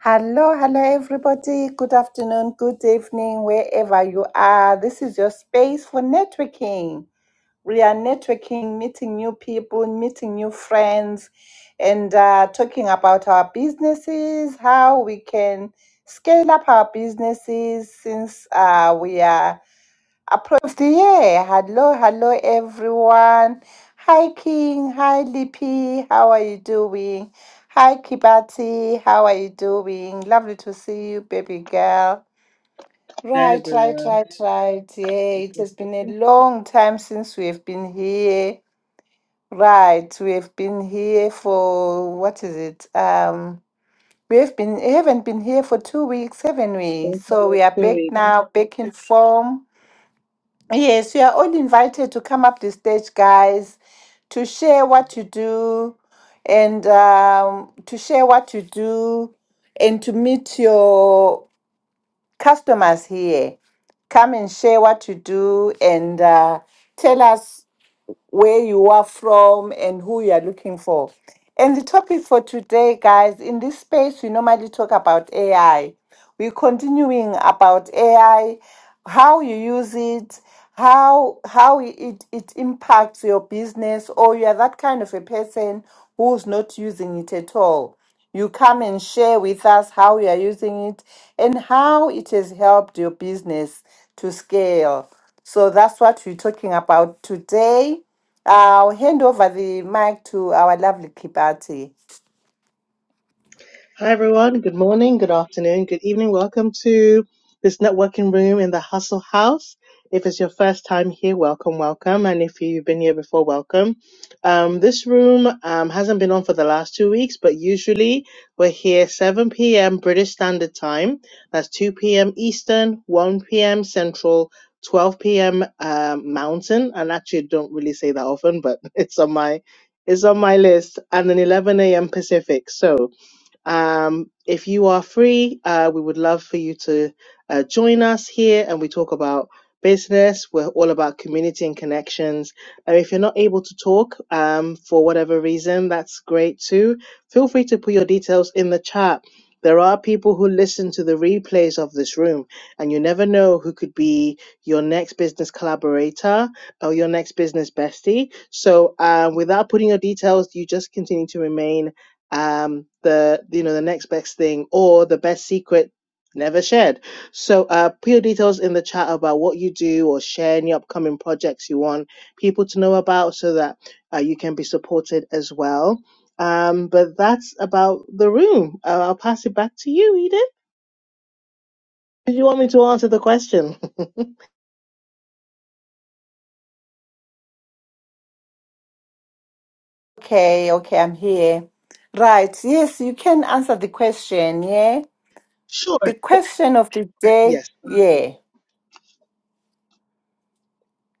Hello, hello, everybody. Good afternoon, good evening, wherever you are. This is your space for networking. We are networking, meeting new people, meeting new friends, and uh, talking about our businesses, how we can scale up our businesses since uh, we are Prof. Yeah, hello, hello everyone. Hi King, hi Lippy, how are you doing? Hi Kibati, how are you doing? Lovely to see you, baby girl. Hi Right, right, everyone. right, right. Yeah, it has been a long time since we have been here. Right, we have been here for what is it? Um, we have been haven't been here for two weeks, haven't we? Thank So you, we are back Victoria. now, back in form. Yes, you are all invited to come up the stage, guys, to share what you do and um, to share what you do and to meet your customers here. Come and share what you do and uh, tell us where you are from and who you are looking for. And the topic for today, guys, in this space, we normally talk about AI. We're continuing about AI, how you use it, how how it, it impacts your business, or you are that kind of a person who's not using it at all. You come and share with us how you are using it and how it has helped your business to scale. So that's what we're talking about today. I'll hand over the mic to our lovely Kibati. Hi, everyone. Good morning, good afternoon, good evening. Welcome to this networking room in the Hustle House. If it's your first time here, welcome, welcome. And if you've been here before, welcome. Um, this room um, hasn't been on for the last two weeks, but usually we're here 7 p.m. British Standard Time. That's 2 p.m. Eastern, 1 p.m. Central. 12 p.m. Um, Mountain, and actually I don't really say that often, but it's on my it's on my list, and then 11 a.m. Pacific. So um, if you are free, uh, we would love for you to uh, join us here and we talk about business. We're all about community and connections. And if you're not able to talk um, for whatever reason, that's great too. Feel free to put your details in the chat. There are people who listen to the replays of this room, and you never know who could be your next business collaborator or your next business bestie. So, uh, without putting your details, you just continue to remain um the you know the next best thing or the best secret never shared so uh put your details in the chat about what you do or share any upcoming projects you want people to know about so that uh, you can be supported as well um but that's about the room uh, i'll pass it back to you edith did you want me to answer the question Okay, okay, I'm here. Right, yes, you can answer the question, yeah? sure The question of the day, yes yeah,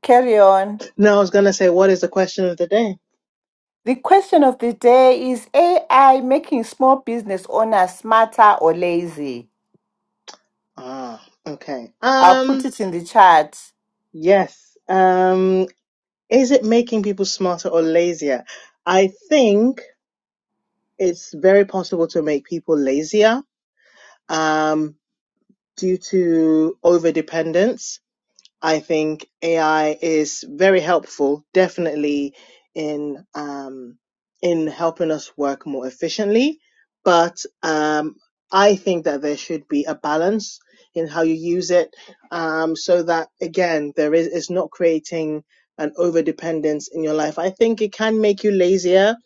carry on. no i was gonna say what is the question of the day The question of the day is AI making small business owners smarter or lazy? ah okay I'll put um it in the chat. yes Um. Is it making people smarter or lazier? I think it's very possible to make people lazier um, due to over dependence. I think AI is very helpful, definitely in um, in helping us work more efficiently. But um, I think that there should be a balance in how you use it, um, so that again, there is it's not creating an over dependence in your life. I think it can make you lazier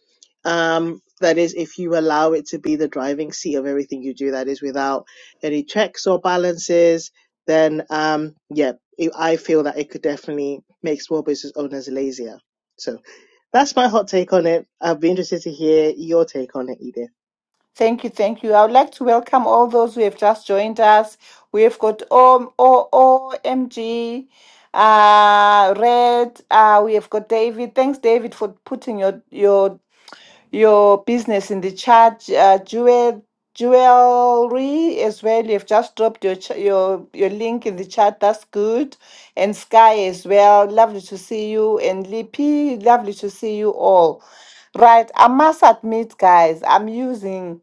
um, that is, if you allow it to be the driving seat of everything you do, that is, without any checks or balances, then um, yeah, it, I feel that it could definitely make small business owners lazier. So that's my hot take on it. I'd be interested to hear your take on it, Edith. Thank you, thank you. I would like to welcome all those who have just joined us. We have got O O O M G, uh, Red. Uh, we have got David. Thanks, David, for putting your your your business in the chat uh, jewel, jewelry as well. You've just dropped your, ch- your, your link in the chat. That's good. And Sky as well. Lovely to see you. And Lippy, lovely to see you all. Right. I must admit, guys, I'm using.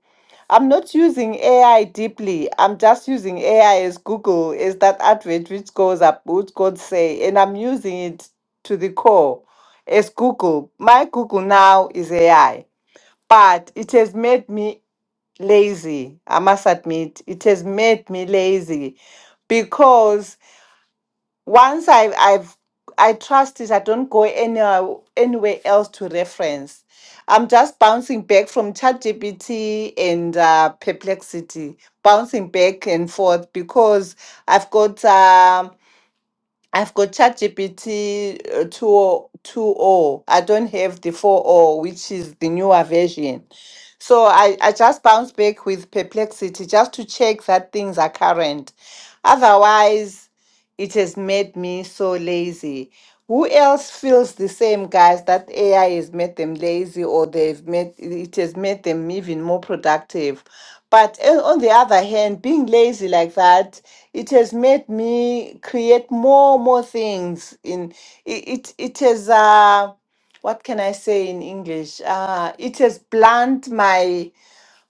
I'm not using AI deeply. I'm just using AI as Google is that advert which goes up, which God say, and I'm using it to the core as Google. My Google now is AI but it has made me lazy. I must admit, it has made me lazy because once I, I've I trust it, I don't go anywhere anywhere else to reference. I'm just bouncing back from ChatGPT and uh, Perplexity, bouncing back and forth because I've got um I've got ChatGPT uh, 2.0. 2.0. I don't have the 4.0, which is the newer version. So I, I just bounce back with perplexity just to check that things are current. Otherwise, it has made me so lazy. Who else feels the same, guys, that AI has made them lazy or they've made it has made them even more productive? But eh, on the other hand, being lazy like that, it has made me create more more things. In it, it, it has uh, what can I say in English? Uh, it has blunt my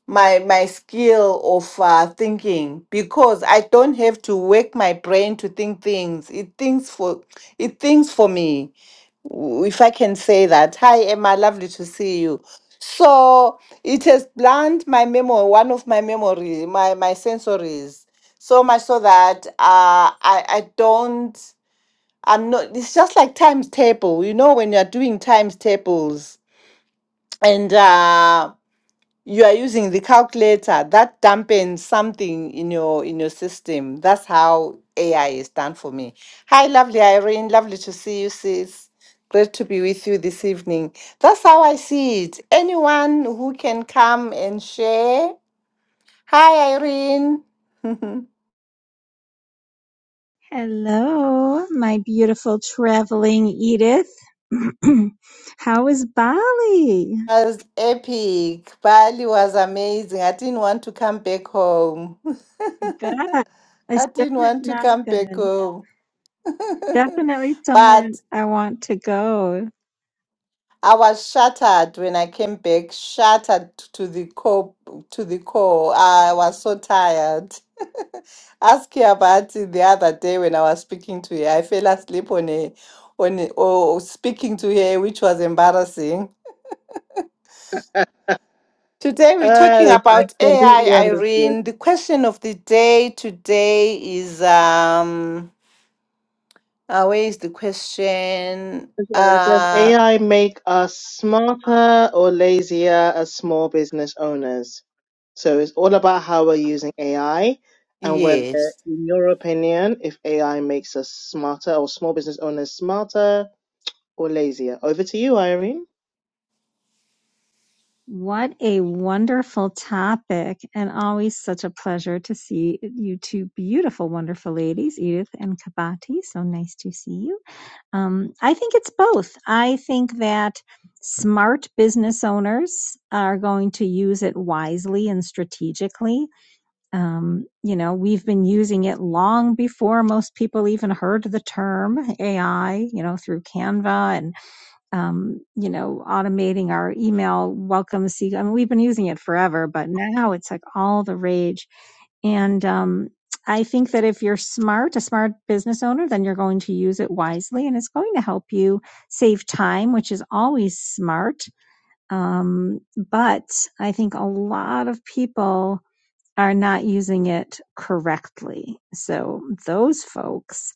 my my skill of uh, thinking because I don't have to work my brain to think things. It thinks for it thinks for me, w- if I can say that. Hi Emma, lovely to see you. So it has blunt my memory, one of my memories, my my sensories, so much so that uh, I I don't I'm not. It's just like times table, you know, when you're doing times tables and. uh you are using the calculator that dampens something in your in your system that's how ai is done for me hi lovely irene lovely to see you sis great to be with you this evening that's how i see it anyone who can come and share hi irene Hello, my beautiful traveling Edith. How is Bali? was epic bali was amazing i didn't want to come back home Bet. I I still didn't have want to not come back been. home. Definitely somewhere but I want to go. I was shattered when I came back, shattered to the core. To the core, I was so tired. Ask her about it the other day when I was speaking to her. I fell asleep on a, on a, or speaking to her, which was embarrassing. Today we're talking Oh, I about AI, completely understood. Irene. The question of the day today is um, uh, where is the question? Yeah, Does Uh, AI make us smarter or lazier as small business owners? So it's all about how we're using AI and whether, yes. in your opinion, if AI makes us smarter or small business owners smarter or lazier. Over to you, Irene. What a wonderful topic, and always such a pleasure to see you two beautiful, wonderful ladies, Edith and Kabati. So nice to see you. Um, I think it's both. I think that smart business owners are going to use it wisely and strategically. Um, you know, we've been using it long before most people even heard the term AI, you know, through Canva and um, you know, automating our email welcome seek. I mean, we've been using it forever, but now it's like all the rage. And um, I think that if you're smart, a smart business owner, then you're going to use it wisely and it's going to help you save time, which is always smart. Um, but I think a lot of people are not using it correctly. So those folks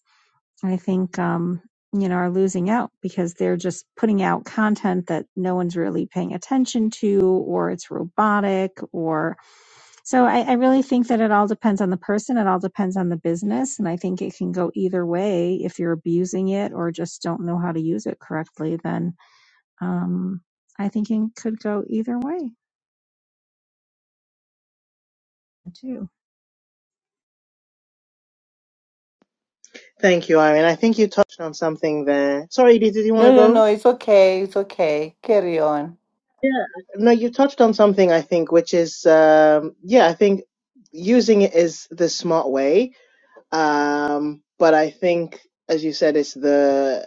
I think, um, you know, are losing out because they're just putting out content that no one's really paying attention to, or it's robotic, or so I, I really think that it all depends on the person. It all depends on the business. And I think it can go either way. If you're abusing it or just don't know how to use it correctly, then um, I think it could go either way too. Thank you, Irene. I think you touched on something there. Sorry, did, did you want to No, no, no. go? It's okay. It's okay. Carry on. Yeah. No, you touched on something, I think, which is, um, yeah, I think using it is the smart way Um, but I think, as you said, it's the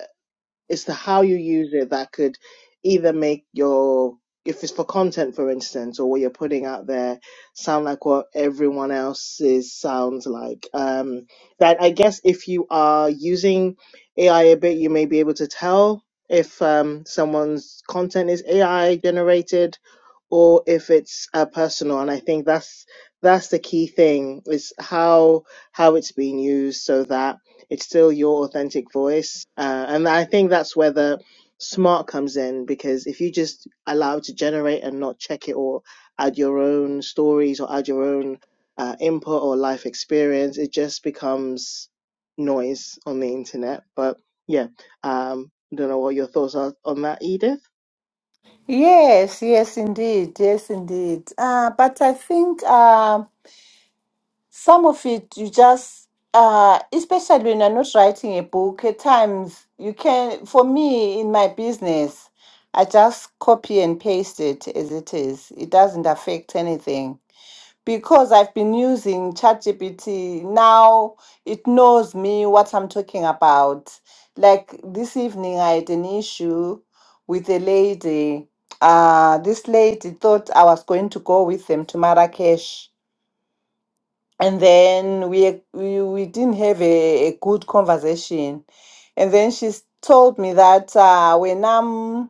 it's the how you use it that could either make your if it's for content for instance or what you're putting out there sound like what everyone else's sounds like um that i guess if you are using ai a bit you may be able to tell if um someone's content is ai generated or if it's uh, personal and i think that's that's the key thing is how how it's being used so that it's still your authentic voice. Uh, and I think that's where the smart comes in because if you just allow it to generate and not check it or add your own stories or add your own uh, input or life experience, it just becomes noise on the internet. But yeah, um, I don't know what your thoughts are on that, Edith. Yes, yes, indeed. Yes, indeed. Uh, but I think uh, some of it you just, uh, especially when you're not writing a book, at times you can, for me in my business, I just copy and paste it as it is. It doesn't affect anything because I've been using ChatGPT, now it knows me what I'm talking about. Like this evening, I had an issue with a lady. Uh, this lady thought I was going to go with them to Marrakesh. And then we, we, we didn't have a, a good conversation. And then she s- told me that uh, when I'm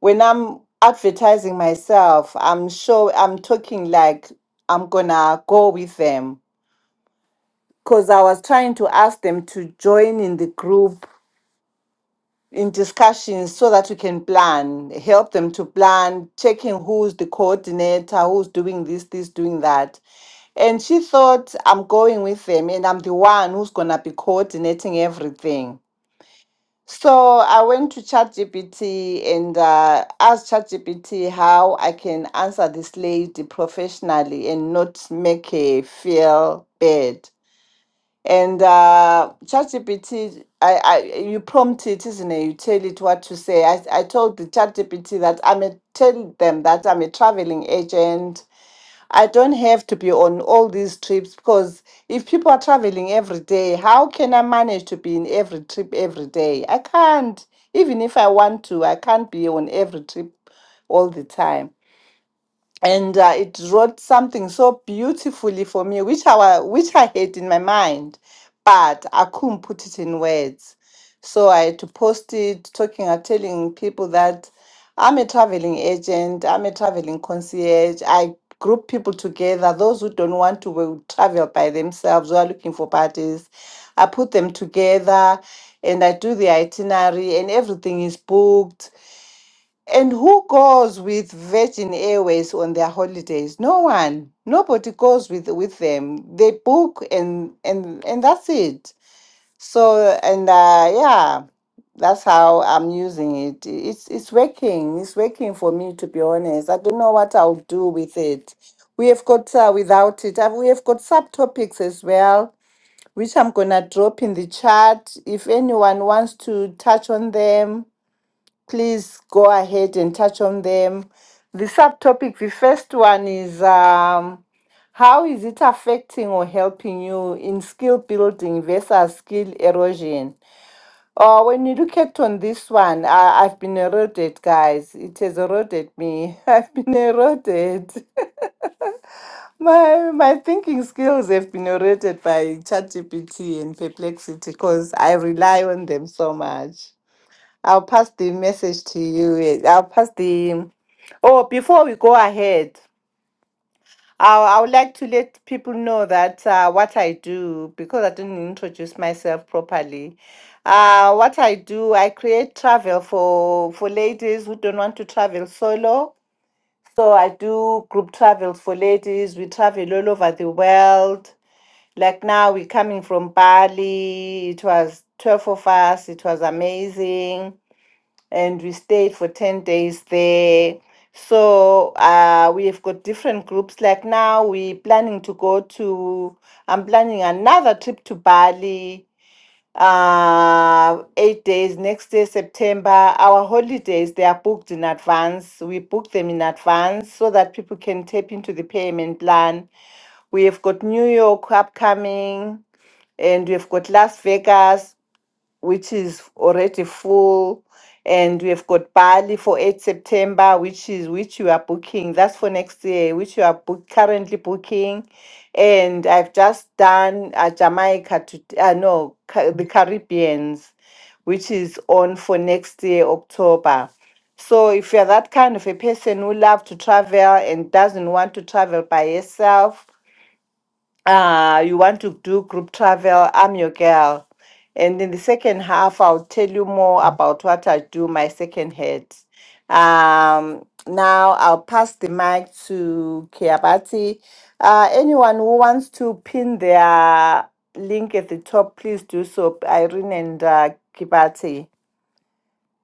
when I'm advertising myself, I'm sure I'm talking like I'm gonna go with them because I was trying to ask them to join in the group in discussions so that we can plan, help them to plan, checking who's the coordinator, who's doing this, this, doing that. And she thought I'm going with them and I'm the one who's gonna be coordinating everything So I went to ChatGPT and uh, asked ChatGPT how I can answer this lady professionally and not make her feel bad. And uh, ChatGPT, I, I you prompt it, isn't it? You tell it what to say. I, I told the ChatGPT that I'm a, tell them that I'm a traveling agent I don't have to be on all these trips because if people are traveling every day, how can I manage to be in every trip every day? I can't. Even if I want to, I can't be on every trip all the time and uh, it wrote something so beautifully for me, which I wa- which I had in my mind, but I couldn't put it in words. So I had to post it, talking, uh, telling people that I'm a traveling agent, I'm a traveling concierge. I group people together. Those who don't want to will travel by themselves, who are looking for parties, I put them together, and I do the itinerary, and everything is booked and who goes with Virgin Airways on their holidays? No one. Nobody goes with with them. They book and and and that's it. So and uh, yeah, that's how I'm using it. It's it's working. It's working for me to be honest. I don't know what I'll do with it. We have got uh, without it. uh, We have got subtopics as well, which I'm gonna drop in the chat if anyone wants to touch on them please go ahead and touch on them. The subtopic, the first one is um, how is it affecting or helping you in skill building versus skill erosion? Uh, when you look at on this one, I, I've been eroded, guys. It has eroded me. I've been eroded. my my thinking skills have been eroded by ChatGPT and Perplexity because I rely on them so much. I'll pass the message to you. I'll pass the. Oh, before we go ahead, I, I would like to let people know that uh, what I do, because I didn't introduce myself properly. Uh, what I do, I create travel for, for ladies who don't want to travel solo. So I do group travels for ladies. We travel all over the world. Like now, we're coming from Bali. It was 12 of us, it was amazing and we stayed for 10 days there. So uh, we have got different groups. Like now, we're planning to go to, I'm planning another trip to Bali, uh, eight days, next day, September. Our holidays, they are booked in advance. We book them in advance so that people can tap into the payment plan. We have got New York upcoming and we've got Las Vegas which is already full, and we have got Bali for 8 September, which is which you are booking. That's for next year, which you are book, currently booking. And I've just done uh, Jamaica to uh, no Ca- the Caribbeans, which is on for next year October. So if you're that kind of a person who love to travel and doesn't want to travel by yourself uh, you want to do group travel, I'm your girl. And in the second half, I'll tell you more about what I do, my second head. Um, now I'll pass the mic to Kiabati. Uh, anyone who wants to pin their link at the top, please do so. Irene and uh, Kibati.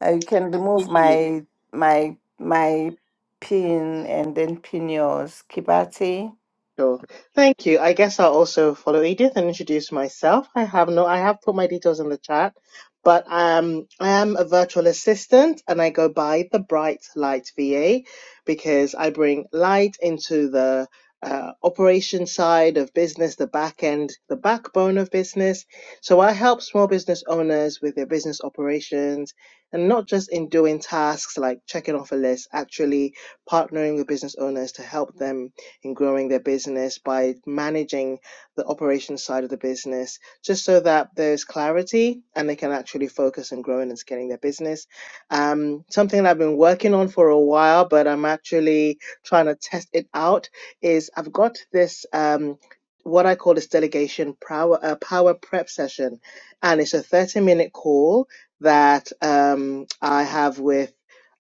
Uh, you can remove my my my pin and then pin yours, Kibati. Sure. Thank you. I guess I'll also follow Edith and introduce myself. I have no, I have put my details in the chat, but um, I am a virtual assistant and I go by the Bright Light VA because I bring light into the uh, operation side of business, the back end, the backbone of business. So I help small business owners with their business operations and not just in doing tasks like checking off a list, actually partnering with business owners to help them in growing their business by managing the operation side of the business, just so that there's clarity and they can actually focus on growing and scaling their business. Um, something that I've been working on for a while, but I'm actually trying to test it out is I've got this. Um, what I call this delegation power uh, power prep session, and it's a thirty minute call that um, I have with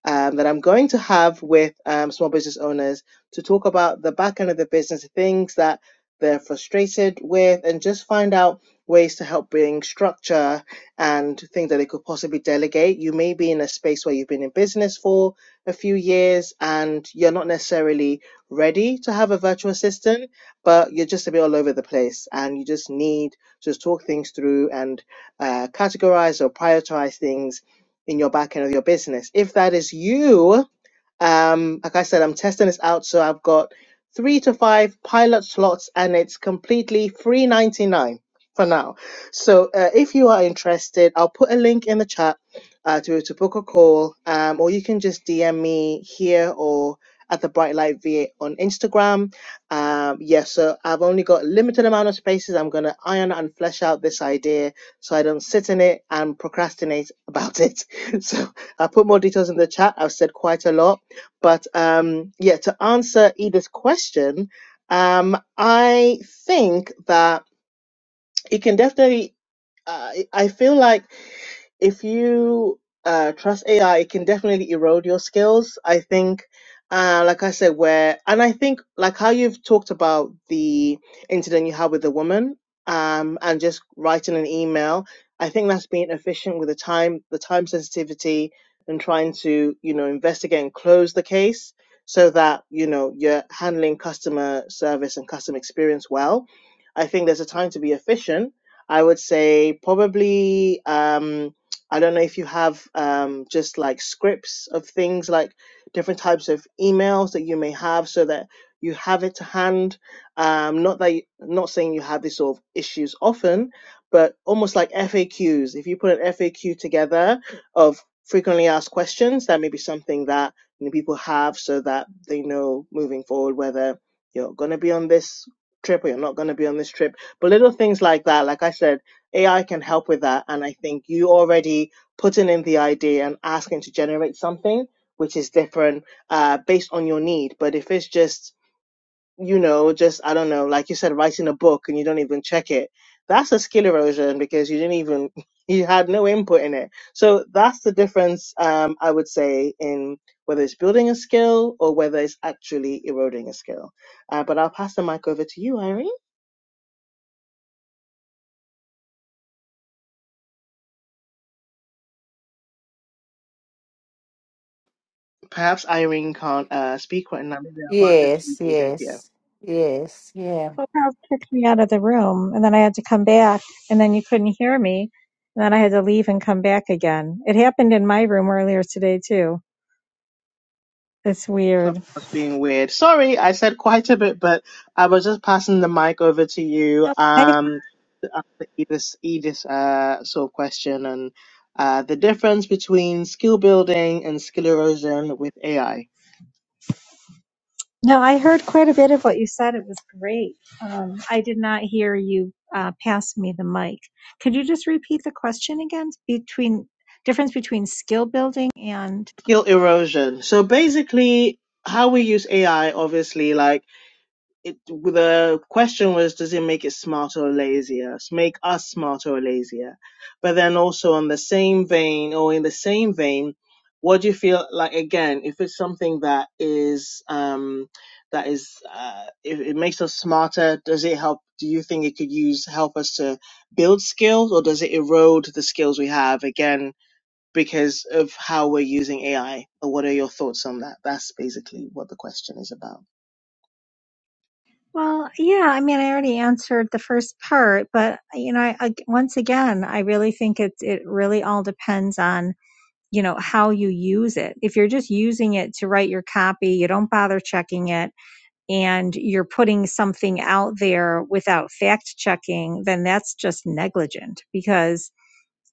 um, that I'm going to have with um, small business owners to talk about the back end of the business, things that they're frustrated with, and just find out ways to help bring structure and things that they could possibly delegate. You may be in a space where you've been in business for a few years and you're not necessarily ready to have a virtual assistant, but you're just a bit all over the place and you just need to just talk things through and uh, categorize or prioritize things in your back end of your business. If that is you, um, like I said, I'm testing this out, so I've got three to five pilot slots, and it's completely free ninety nine for now. So uh, if you are interested, I'll put a link in the chat uh, to to book a call, um, or you can just DM me here or at the Bright Light VA on Instagram. Um, yeah, so I've only got a limited amount of spaces. I'm gonna iron and flesh out this idea so I don't sit in it and procrastinate about it. So I'll put more details in the chat. I've said quite a lot. But um, yeah, to answer Edith's question, um, I think that it can definitely. Uh, I I feel like if you uh, trust AI, it can definitely erode your skills. I think, uh, like I said, where and I think like how you've talked about the incident you had with the woman, um, and just writing an email. I think that's being efficient with the time, the time sensitivity, and trying to you know investigate and close the case so that you know you're handling customer service and customer experience well. I think there's a time to be efficient. I would say probably. Um, I don't know if you have um, just like scripts of things like different types of emails that you may have so that you have it to hand. Um, not that you, not saying you have these sort of issues often, but almost like FAQs. If you put an FAQ together of frequently asked questions, that may be something that you know, people have so that they know moving forward whether you're going to be on this trip or you're not going to be on this trip. But little things like that, like I said AI can help with that. And I think you already putting in the idea and asking to generate something which is different uh, based on your need. But if it's just you know, just I don't know, like you said, writing a book and you don't even check it. That's a skill erosion because you didn't even you had no input in it. So that's the difference, um, I would say, in whether it's building a skill or whether it's actually eroding a skill. Uh, but I'll pass the mic over to you, Irene. Perhaps Irene can't uh, speak right now. Maybe I'll pass it to you, Yes, Edith. Yeah. yes, yes, yeah. Clubhouse kicked me out of the room and then I had to come back and then you couldn't hear me. And then I had to leave and come back again. It happened in my room earlier today too. It's weird. Clubhouse being weird. Sorry, I said quite a bit, but I was just passing the mic over to you No, I, um, to answer Edith's, Edith's uh, sort of question and uh, the difference between skill building and skill erosion with AI. no, I heard quite a bit of what you said. It was great. Um, I did not hear you uh, pass me the mic. Could you just repeat the question again between difference between skill building and Skill erosion. So basically, how we use AI, obviously, like it the question was does it make it smarter or lazier make us smarter or lazier but then also on the same vein or in the same vein what do you feel like again if it's something that is um that is uh if it makes us smarter does it help do you think it could use help us to build skills or does it erode the skills we have again because of how we're using AI? Or what are your thoughts on that? That's basically what the question is about. Well, yeah, I mean, I already answered the first part, but you know, I, I- once again, I really think it it really all depends on you know how you use it. If you're just using it to write your copy, you don't bother checking it, and you're putting something out there without fact checking, then that's just negligent because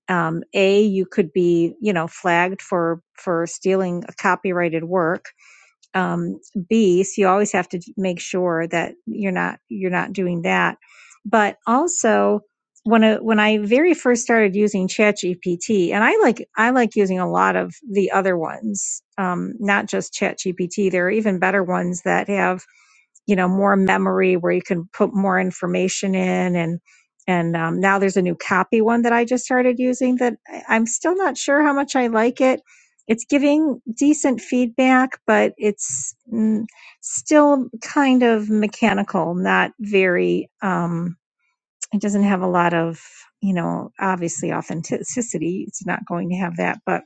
um, a you could be you know flagged for for stealing a copyrighted work um, B. So you always have to make sure that you're not you're not doing that. But also when I, when I very first started using ChatGPT, and I like I like using a lot of the other ones, um, not just ChatGPT. There are even better ones that have you know more memory where you can put more information in and and um, now there's a new copy one that i just started using that I- i'm still not sure how much i like it it's giving decent feedback but it's mm, still kind of mechanical not very um, it doesn't have a lot of you know obviously authenticity it's not going to have that but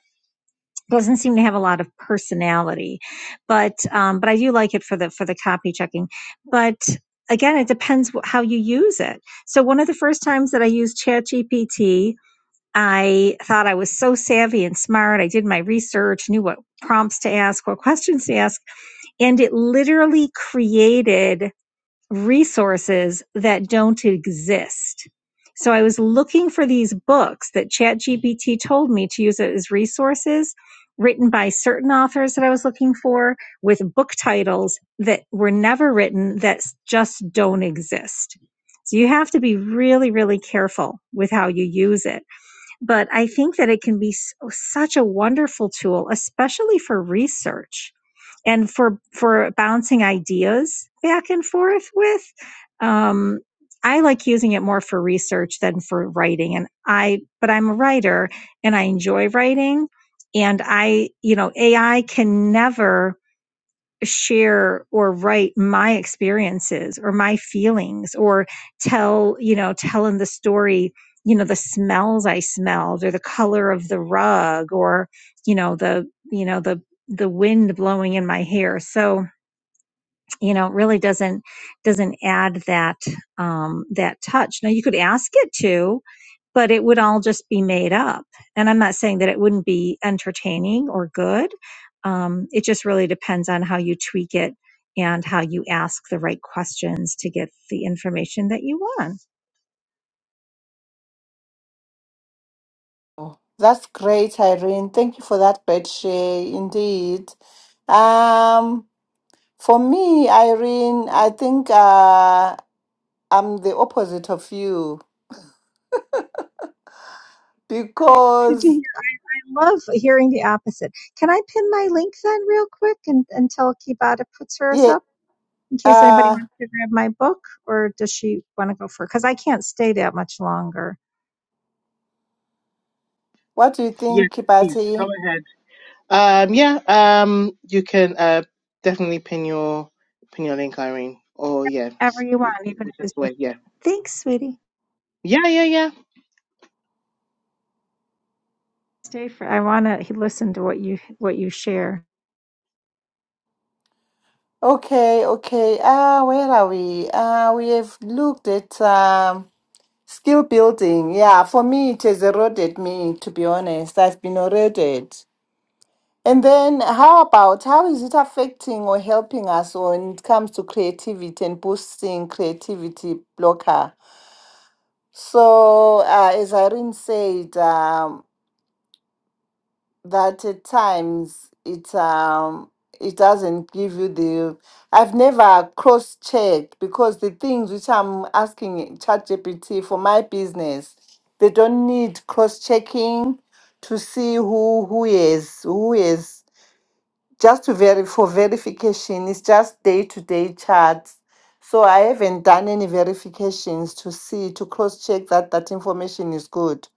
doesn't seem to have a lot of personality but um, but i do like it for the for the copy checking but again it depends how you use it so one of the first times that i used chatgpt i thought i was so savvy and smart i did my research knew what prompts to ask what questions to ask and it literally created resources that don't exist. So I was looking for these books that ChatGPT told me to use as resources written by certain authors that I was looking for with book titles that were never written that just don't exist. So you have to be really, really careful with how you use it. But I think that it can be s- oh, such a wonderful tool, especially for research and for for bouncing ideas back and forth with um i like using it more for research than for writing and i but i'm a writer and i enjoy writing and i you know ai can never share or write my experiences or my feelings or tell you know telling the story you know the smells i smelled or the color of the rug or you know the you know the the wind blowing in my hair so you know, really doesn't doesn't add that um, that touch. Now you could ask it to, but it would all just be made up. And I'm not saying that it wouldn't be entertaining or good. Um, it just really depends on how you tweak it and how you ask the right questions to get the information that you want. That's great, Irene. Thank you for that bed share, indeed. Um, for me, Irene, I think uh, I'm the opposite of you I'm interested to because, hear. I love hearing the opposite. Can I pin my link then, real quick, and, until Kibata puts hers yeah, up? in case anybody uh, wants to grab my book, or does she want to go for? Because I can't stay that much longer. what do you Yeah, think, please go Kibati? ahead. Um, yeah, um, you can uh, definitely pin your pin your link, Irene, or yeah, Ever s- you want, even if whichever it's just way. Yeah, thanks, sweetie. yeah, yeah, yeah. Stay for. I want to listen to what you what you share. Okay, okay. Uh, where are we? Uh, we have looked at um, skill building. Yeah, for me, it has eroded me, to be honest. I've been eroded. And then, how about how is it affecting or helping us when it comes to creativity and boosting creativity blocker? So, uh, as Irene said, um, that at times it um, it doesn't give you the. I've never cross checked because the things which I'm asking ChatGPT for my business, they don't need cross checking to see who who is who is just to verify for verification it's just day to day charts so i haven't done any verifications to see to cross check that that information is good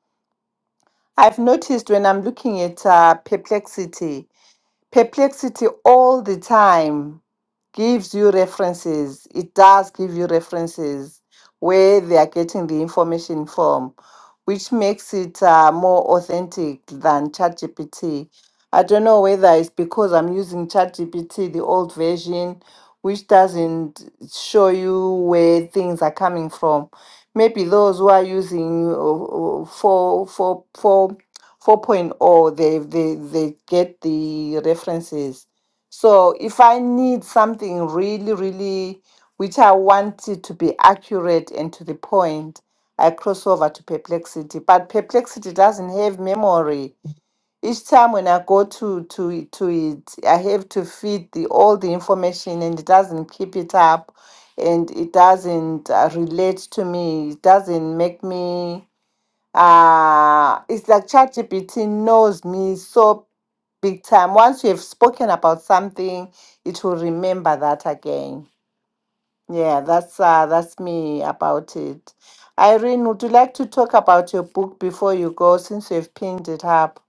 i've noticed when i'm looking at uh, perplexity Perplexity all the time gives you references. It does give you references where they are getting the information from, which makes it uh, more authentic than ChatGPT. I don't know whether it's because I'm using ChatGPT, the old version, which doesn't show you where things are coming from. Maybe those who are using uh, uh, for for for 4.0 point oh. they they they get the references so if i need something really really which i want it to be accurate and to the point i cross over to perplexity but perplexity doesn't have memory each time when i go to to to it i have to feed the all the information and it doesn't keep it up and it doesn't uh, relate to me it doesn't make me uh it's like ChatGPT knows me so big time. Once you have spoken about something, it will remember that again. Yeah, that's uh that's me about it. Irene, would you like to talk about your book before you go since you've pinned it up?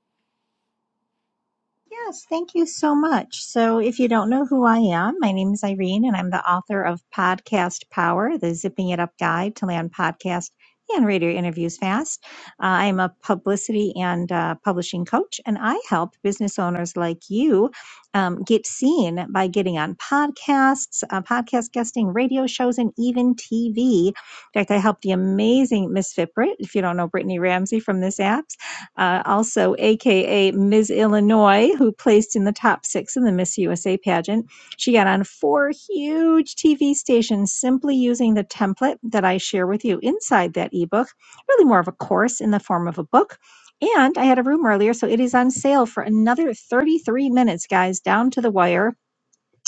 Yes, thank you so much. So, if you don't know who I am, my name is Irene, and I'm the author of Podcast Power, the Zipping It Up Guide to Land Podcast and Radio Interviews Fast. Uh, I'm a publicity and uh, publishing coach, and I help business owners like you um, get seen by getting on podcasts, uh, podcast guesting, radio shows, and even TV. In fact, I helped the amazing Miss Fit if you don't know Brittany Ramsey from this app uh, also AKA Ms. Illinois, who placed in the top six in the Miss USA pageant. She got on four huge TV stations simply using the template that I share with you inside that ebook, really more of a course in the form of a book. And I had a room earlier, so it is on sale for another 33 minutes, guys, down to the wire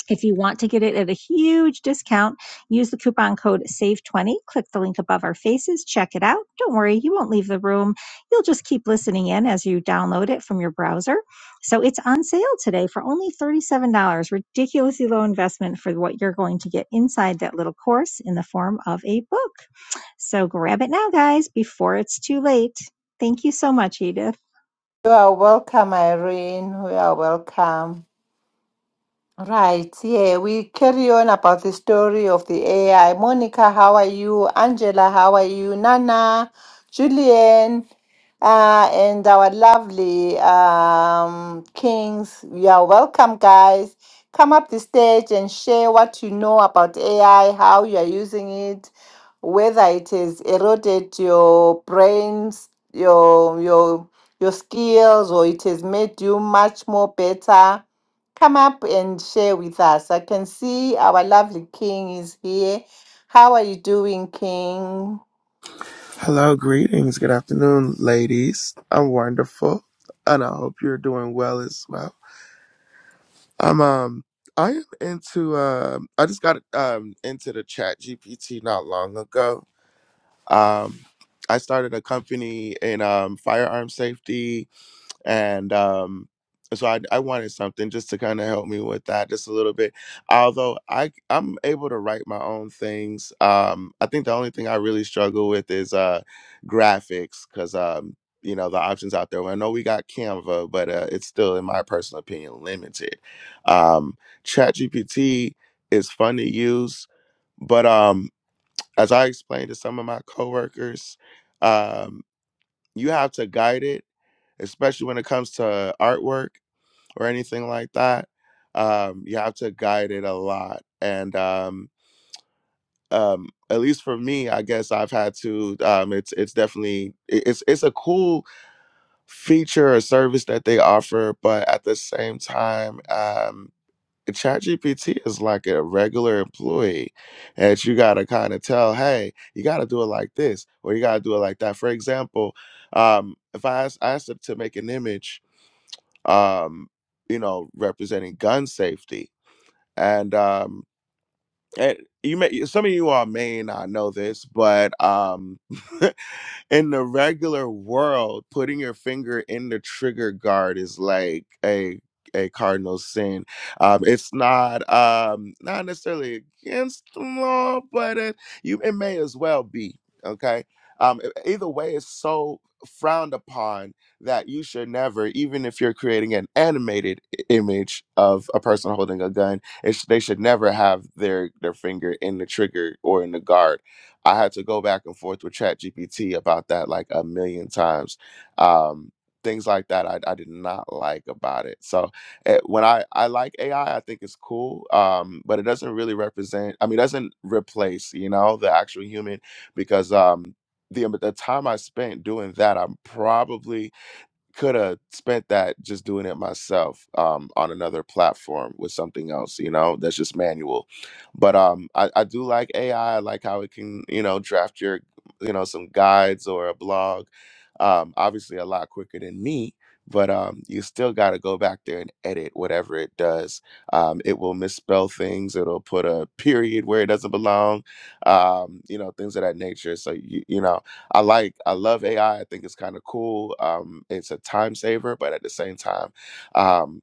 if you want to get it at a huge discount, use the coupon code SAVE20. Click the link above our faces, check it out. Don't worry, you won't leave the room. You'll just keep listening in as you download it from your browser. So it's on sale today for only $37. Ridiculously low investment for what you're going to get inside that little course in the form of a book. So grab it now, guys, before it's too late. Thank you so much, Edith. You are welcome, Irene. We are welcome. Right, yeah, we carry on about the story of the AI. Monica, how are you? Angela, how are you? Nana, Julian, uh, and our lovely um, kings. You are welcome, guys. Come up the stage and share what you know about AI, how you are using it, whether it has eroded your brains, your your your skills, or it has made you much more better come up and share with us. I can see our lovely King is here. How are you doing, King? Hello, greetings. Good afternoon, ladies. I'm wonderful, and I hope you're doing well as well. I'm um, I am into um, I just got um into the Chat GPT not long ago. Um, I started a company in um firearm safety and um so I, I wanted something just to kind of help me with that just a little bit although I i c- i'm able to write my own things um i think the only thing i really struggle with is uh graphics because um you know the options out there well, i know we got canva but uh, it's still in my personal opinion limited um chat is fun to use but um as i explained to some of my coworkers um you have to guide it especially when it comes to artwork or anything like that. Um, you have to guide it a lot, and um, um, at least for me, I guess I've had to. Um, it's it's definitely it- it's it's a cool feature or service that they offer, but at the same time, um, ChatGPT is like a regular employee, and you gotta kind of tell, hey, you gotta do it like this, or you gotta do it like that. For example, um, if I ask, I asked them to make an image um, you know, representing gun safety. And um, and you may some of you all may not know this, but um, in the regular world, putting your finger in the trigger guard is like a a cardinal sin. Um, it's not um, not necessarily against the law, but it, you it may as well be okay. Um, e- either way, it's so frowned upon that you should never, even if you're creating an animated i- image of a person holding a gun, it sh- they should never have their their finger in the trigger or in the guard I had to go back and forth with ChatGPT about that like a million times. Um, things like that I, I did not like about it. So eh, when I, I like AI, I I think it's cool, um, but it doesn't really represent, I mean, it doesn't replace, you know, the actual human because um, the, um, the time I spent doing that, I'm probably could have spent that just doing it myself um, on another platform with something else, you know, that's just manual. But um, I, I do like AI. like how it can, you know, draft your, you know, some guides or a blog. Um, obviously, a lot quicker than me, but um, you still got to go back there and edit whatever it does. Um, it will misspell things. It'll put a period where it doesn't belong. Um, you know, things of that nature. So you, you know I like, I love AI. I I think it's kind of cool. Um, it's a time saver, but at the same time, um,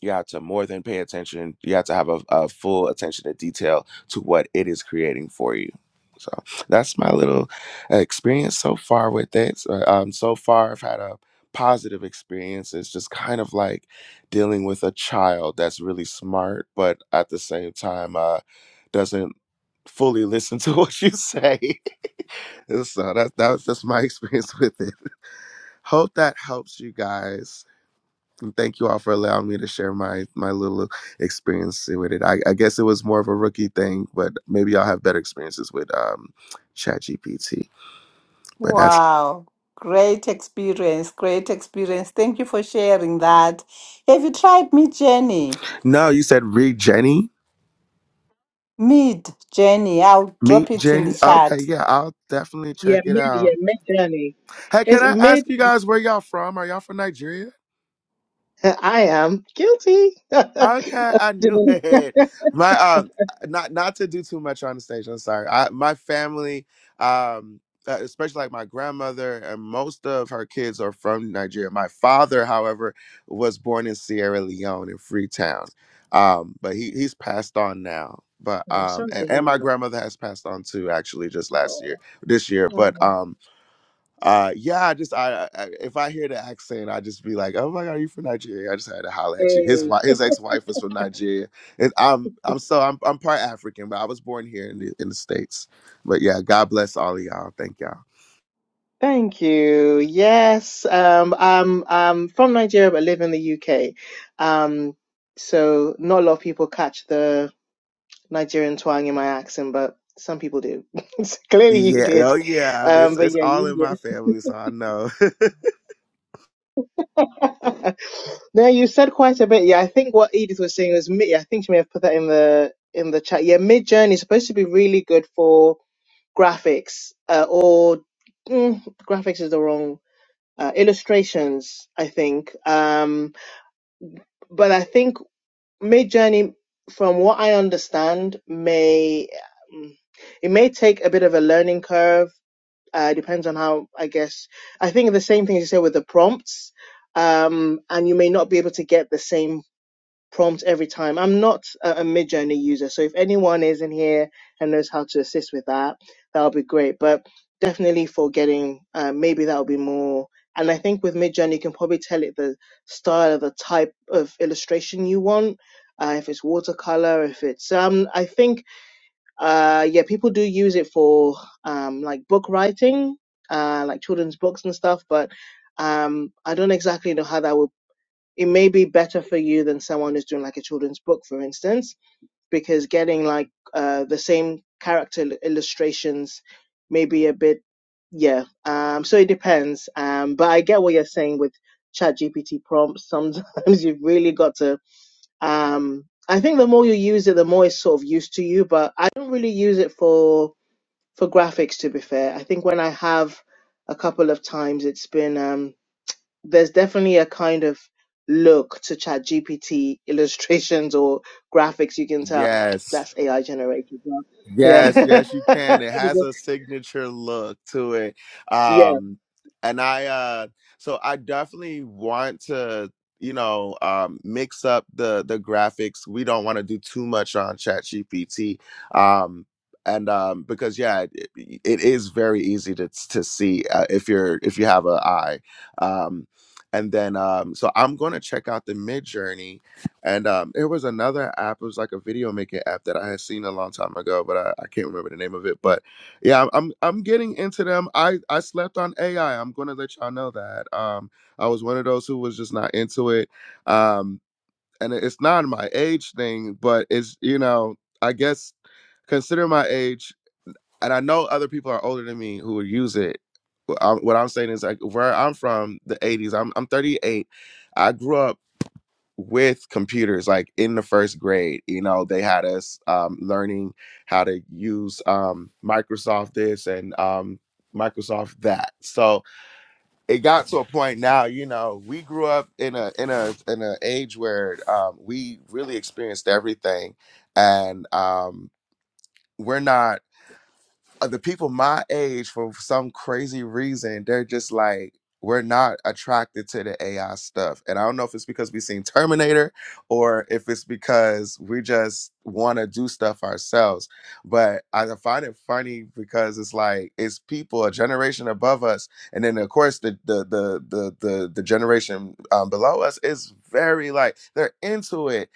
you have to more than pay attention. You have to have a, a full attention to detail to what it is creating for you. So that's my little experience so far with it. So, um, so far, I've had a positive experience. It's just kind of like dealing with a child that's really smart, but at the same time, uh, doesn't fully listen to what you say. And so that that was just my experience with it. Hope that helps you guys. And thank you all for allowing me to share my my little experience with it. I, I guess it was more of a rookie thing, but maybe y'all have better experiences with um ChatGPT. But that's Wow. Great experience. Great experience. Thank you for sharing that. Have you tried Meet Jenny? no, you said read Jenny. Meet Jenny. I'll Meet drop it in the Jenny. Okay, chat. yeah, I'll definitely Yeah, check it mid, yeah, out. mid journey. Hey, can It's I mid. ask you guys where y'all from? Are y'all from Nigeria? I am guilty. I'm Okay, I knew it. My um, not not to do too much on the stage. I'm sorry. I my family, um, uh, especially like my grandmother and most of her kids are from Nigeria. My father, however, was born in Sierra Leone in Freetown, um, but he he's passed on now. But um, sorry to and and hear my that. grandmother has passed on too. Actually, just last year, Oh. this year. But Oh. um, uh, yeah, I just I, I if I hear the accent, I just be like, oh my god, you from Nigeria? I just had to holler at you. His Hey. wife, his ex wife was from Nigeria, and I'm I'm so I'm I'm part African, but I was born here in the in the states. But yeah, God bless all of y'all. Thank y'all. Thank you. Yes, um, I'm, I'm from Nigeria but live in the UK. Um, so not a lot of people catch the Nigerian twang in my accent, but some people do. So Clearly you Yeah, did. oh yeah, it's Um, but it's yeah, all you in my family, so I know. No, you said quite a bit. Yeah, I think what Edith was saying was mid. I think she may have put that in the in the chat. Yeah, Mid Journey is supposed to be really good for graphics, uh, or mm, graphics is the wrong uh, illustrations. I think, um, but I think Mid Journey, from what I understand, may mm, it may take a bit of a learning curve uh, depends on how, I guess. I think the same thing as you said with the prompts, um, and you may not be able to get the same prompt every time. I'm not a, a mid user, so if anyone is in here and knows how to assist with that, that would be great. But definitely for getting, uh, maybe that would be more. And I think with Midjourney, you can probably tell it the style, the type of illustration you want. Uh, if it's watercolor, if it's, um, I think uh yeah people do use it for um like book writing uh like children's books and stuff but um i don't exactly know how that would it may be better for you than someone who's doing like a children's book for instance because getting like uh the same character il- illustrations may be a bit yeah um so it depends um but i get what you're saying with chat gpt prompts sometimes you've really got to um i think the more you use it the more it's sort of used to you but i don't really use it for for graphics to be fair i think when i have a couple of times it's been um there's definitely a kind of look to ChatGPT illustrations or graphics you can tell yes. that's ai generated right? Yes, yeah yes, you can. It has a signature look to it. yeah Um and I uh so I definitely want to, you know, um mix up the the graphics. We don't want to do too much on ChatGPT. Um and um because yeah, it, it is very easy to to see uh, if you're if you have an eye. Um and then um so I'm going to check out the Mid Journey. And um, there was another app. It was like a video making app that I had seen a long time ago, but I, I can't remember the name of it. But yeah, I'm I'm I'm getting into them. I I slept on AI. I'm gonna let y'all know that. Um, I was one of those who was just not into it. Um, and it- it's not my age thing, but it's you know I guess consider my age, and I know other people are older than me who would use it. Wh- I'm- What I'm saying is like where I'm from, the '80s. I'm I'm 38. I grew up with computers like in the first grade you know they had us um, learning how to use um, microsoft this and um, microsoft that so it got to a point now you know we grew up in a in a in an age where um, we really experienced everything and um, we're not uh, the people my age for some crazy reason they're just like we're not attracted to the AI stuff. And I don't know if it's because we've seen Terminator or if it's because we just want to do stuff ourselves. But I find it funny because it's like it's people a generation above us. And then of course the the the the the, the generation um, below us is very like they're into it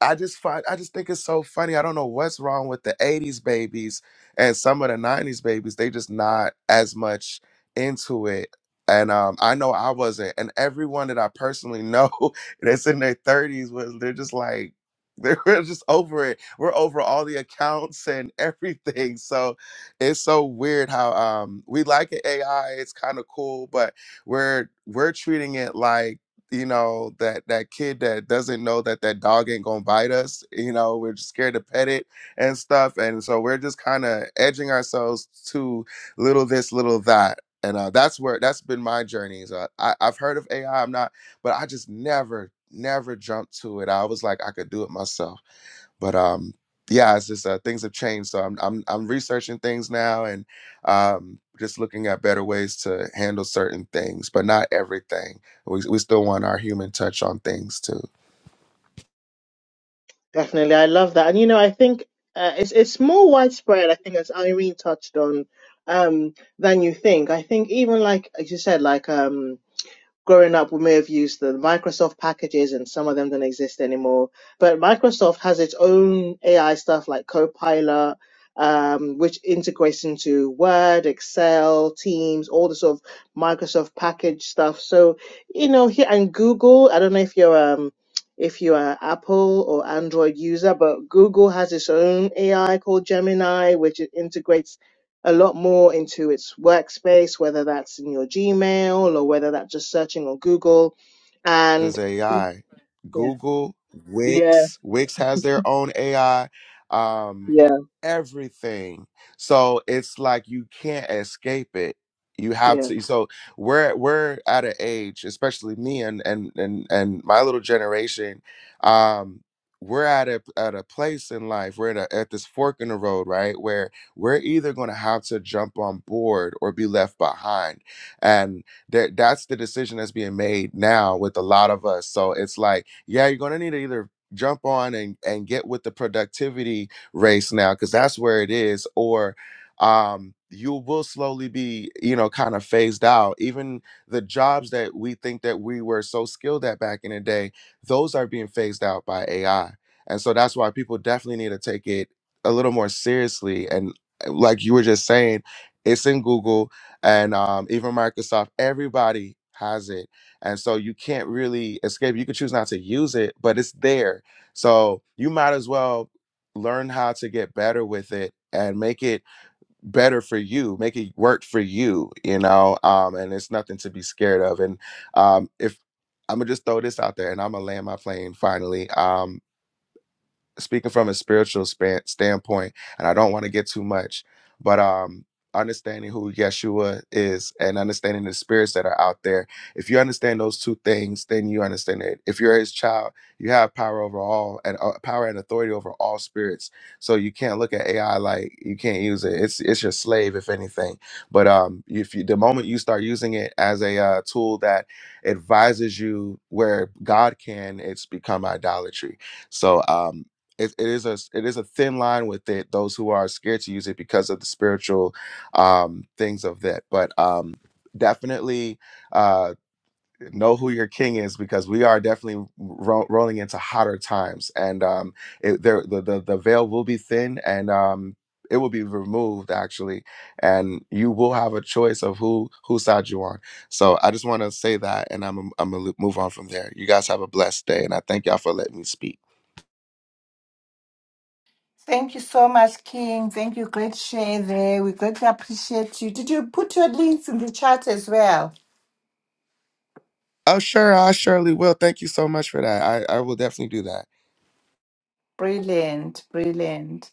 I just find I just think it's so funny. I don't know what's wrong with the 80s babies and some of the 90s babies. They just not as much into it. And um, I know I wasn't. And everyone that I personally know that's in their 30s was they're just like they're just over it. We're over all the accounts and everything. So it's so weird how um we like it AI, it's kind of cool, but we're we're treating it like you know that that kid that doesn't know that that dog ain't gonna bite us you know we're just scared to pet it and stuff and so we're just kind of edging ourselves to little this little that and uh, that's where that's been my journey so I, i've heard of ai i'm not but i just never never jumped to it i was like i could do it myself but um yeah it's just uh, things have changed so I'm, I'm i'm researching things now and um just looking at better ways to handle certain things but not everything we, we still want our human touch on things too Definitely, I love that, and you know, I think uh, it's it's more widespread. I think as Irene touched on, um, than you think. I think even like as you said, like um, growing up, we may have used the Microsoft packages and some of them don't exist anymore. But Microsoft has its own AI stuff like Copilot, um, which integrates into Word, Excel, Teams, all the sort of Microsoft package stuff. So, you know, here and Google, I don't know if you're um if you're an Apple or Android user, but Google has its own AI called Gemini, which it integrates a lot more into its workspace, whether that's in your Gmail or whether that's just searching on Google. is And AI. yeah, Google, yeah, Wix, Wix has their own AI. Um, yeah. everything. So it's like you can't escape it. You have yeah. to. So we're we're at an age, especially me and and and and my little generation. Um, we're at a at a place in life. We're at, a, at this fork in the road, right? Where we're either going to have to jump on board or be left behind. and that that's the decision that's being made now with a lot of us so it's like yeah you're going to need to either jump on and and get with the productivity race now because that's where it is or um you will slowly be you know kind of phased out even the jobs that we think that we were so skilled at back in the day those are being phased out by ai and so that's why people definitely need to take it a little more seriously and uh, like you were just saying it's in google and um, even Microsoft, everybody has it. And so you can't really escape. You could choose not to use it, but it's there. So you might as well learn how to get better with it and make it better for you, make it work for you, you know? Um, and it's nothing to be scared of. And um, if I'm gonna just throw this out there and I'm gonna land my plane finally. Um, speaking from a spiritual span, standpoint, and I don't want to get too much, but um, understanding who Yeshua is and understanding the spirits that are out there. If you understand those two things, then you understand it. If you're His child, you have power over all and uh, power and authority over all spirits. So you can't look at AI like you can't use it. It's it's your slave, if anything. But um, if you the moment you start using it as a uh, tool that advises you where God can, it's become idolatry. So um, it, it is a it is a thin line with it those who are scared to use it because of the spiritual um things of that but um definitely uh know who your king is because we are definitely ro- rolling into hotter times and um it, there the, the the veil will be thin and um it will be removed actually and you will have a choice of who whose side you on so i just want to say that and i'm i'm gonna move on from there you guys have a blessed day and i thank y'all for letting me speak Thank you so much, King. Thank you. Great share there. We greatly appreciate you. Did you put your links in the chat as well? Oh, sure. I surely will. Thank you so much for that. I, I will definitely do that. Brilliant. Brilliant.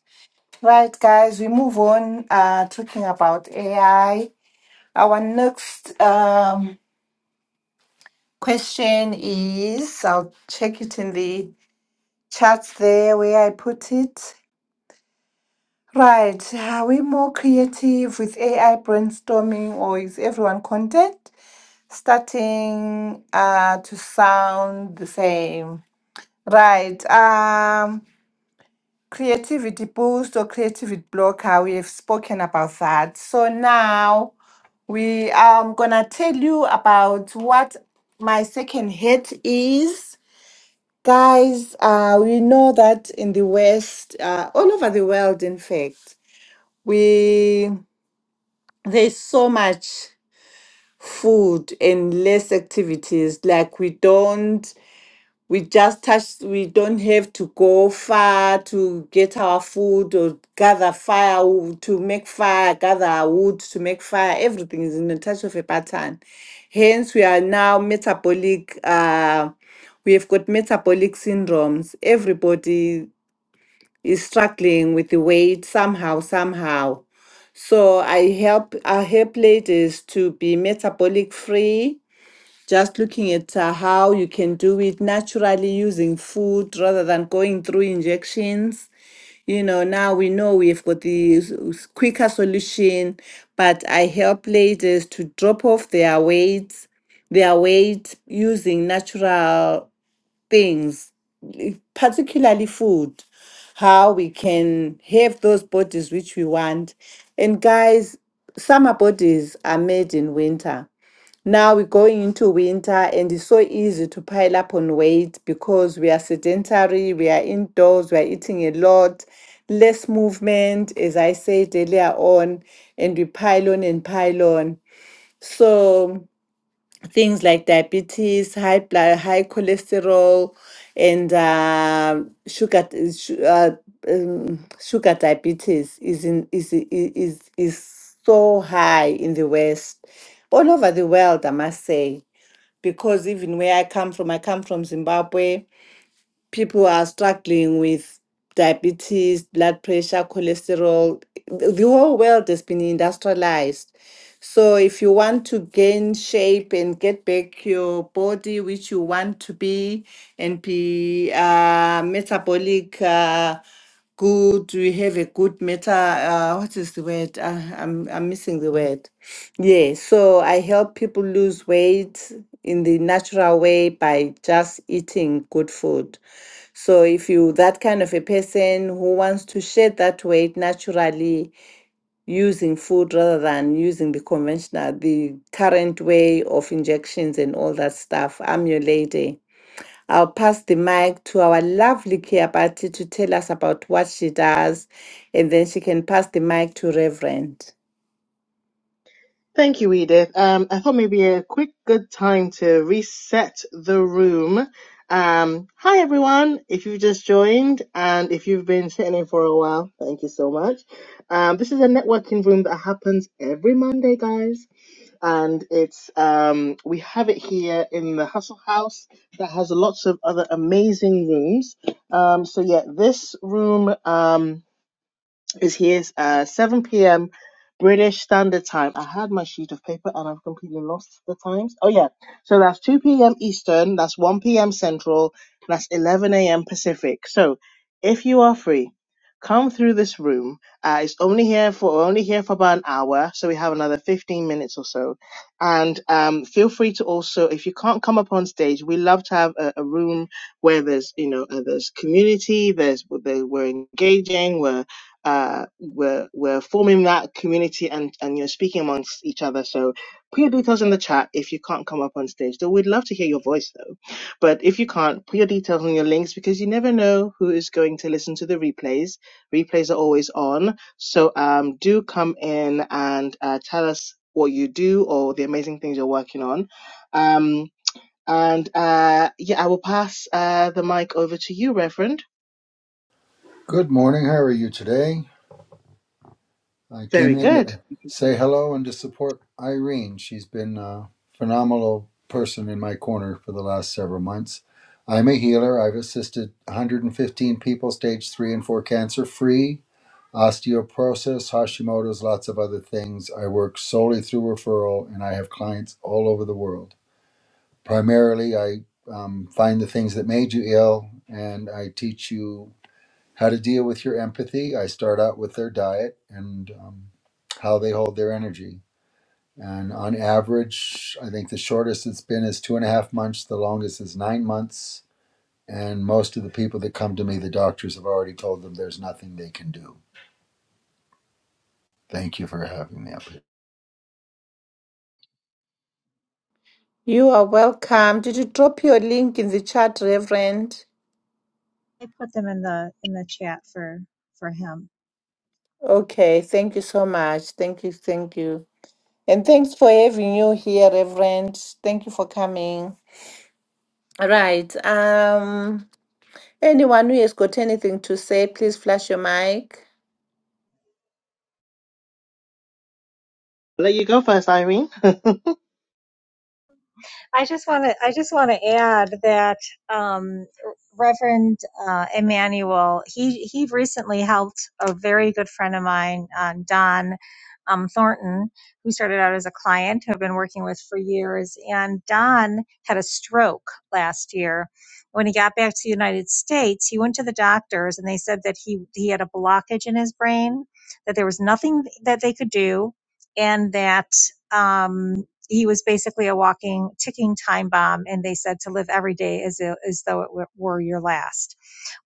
Right, guys, we move on uh, talking about AI. Our next um, question is I'll check it in the chat there where I put it. Right, are we more creative with AI brainstorming or is everyone content starting uh, to sound the same? Right, um, Creativity boost or creativity blocker, we have spoken about that. So now we I'm gonna tell you about what my second hit is. Guys, uh, we know that in the West, uh, all over the world, in fact, we there's so much food and less activities. Like we don't we just touch we don't have to go far to get our food or gather fire wo- to make fire gather our wood to make fire everything is in the touch of a button hence we are now metabolic uh, we have got metabolic syndromes everybody is struggling with the weight somehow somehow so i help i help ladies to be metabolic free just looking at uh, how you can do it naturally using food rather than going through injections. You know, now we know we've got the s- s- quicker solution, but I help ladies to drop off their weight, their weight using natural things, i- particularly food, how we can have those bodies which we want. And guys, summer bodies are made in winter now we're going into winter and it's so easy to pile up on weight because we are sedentary, we are indoors, we are eating a lot, less movement, as I said earlier on, and we pile on and pile on. So things like diabetes, high blood, high cholesterol, and uh, sugar, su- uh, um, sugar diabetes is in is i- i- is is so high in the West, all over the world, I must say because even where I come from, I come from Zimbabwe people are struggling with diabetes, blood pressure, cholesterol. The the whole world has been industrialized. So if you want to gain shape and get back your body, which you want to be, and be uh, metabolic uh, good, we have a good meta. Uh, what is the word? Uh, I'm I'm missing the word. Yeah. So I help people lose weight in the natural way by just eating good food. So if you that kind of a person who wants to shed that weight naturally using food rather than using the conventional, the current way of injections and all that stuff, I'm your lady. I'll pass the mic to our lovely Kiabati to tell us about what she does, and then she can pass the mic to Reverend. Thank you, Edith. Um, I thought maybe a quick good time to reset the room. Um, hi everyone. If you've just joined and if you've been sitting in for a while, thank you so much. Um, this is a networking room that happens every Monday, guys. and it's um, we have it here in the Hustle House that has lots of other amazing rooms. Um, so yeah, this room. Um, is here uh, 7 p.m. British Standard Time. I had my sheet of paper and I've completely lost the times. Oh, yeah. So that's 2 p.m. Eastern, that's 1 p.m. Central, that's 11 a.m. Pacific. So if you are free, come through this room. Uh, it's only here for we're only here for about an hour, so we have another 15 minutes or so. And um, feel free to also, if you can't come up on stage, we love to have a, a room where there's you know uh, there's community, there's there, we're engaging, we're uh, we're we're forming that community and and you're speaking amongst each other. So put your details in the chat if you can't come up on stage. Though we'd love to hear your voice though. But if you can't, put your details on your links because you never know who is going to listen to the replays. Replays are always on. So um, do come in and uh, tell us what you do or the amazing things you're working on. Um, and uh, yeah, I will pass uh, the mic over to you, Reverend. Good morning. How are you today? I Very came in good. to say hello and to support Irene. She's been a phenomenal person in my corner for the last several months. I'm a healer. I've assisted 115 people, stage three and four cancer free, osteoporosis, Hashimoto's, lots of other things. I work solely through referral and I have clients all over the world. Primarily, I um, find the things that made you ill and I teach you how to deal with your empathy. I start out with their diet and um, how they hold their energy. And on average, I think the shortest it's been is two and a half months, the longest is nine months. And most of the people that come to me, the doctors have already told them there's nothing they can do. Thank you for having me up here. You are welcome. Did you drop your link in the chat, Reverend? I put them in the in the chat for for him. Okay, thank you so much. Thank you, thank you. And thanks for having you here, Reverend. Thank you for coming. All right. Um anyone who has got anything to say, please flash your mic. I'll let you go first, Irene. I just want to I just want to add that um, Reverend uh, Emmanuel he he recently helped a very good friend of mine uh, Don um, Thornton who started out as a client who I've been working with for years and Don had a stroke last year. When he got back to the United States, he went to the doctors and they said that he he had a blockage in his brain that there was nothing that they could do and that. Um, he was basically a walking ticking time bomb and they said to live every day as, i- as though it were were your last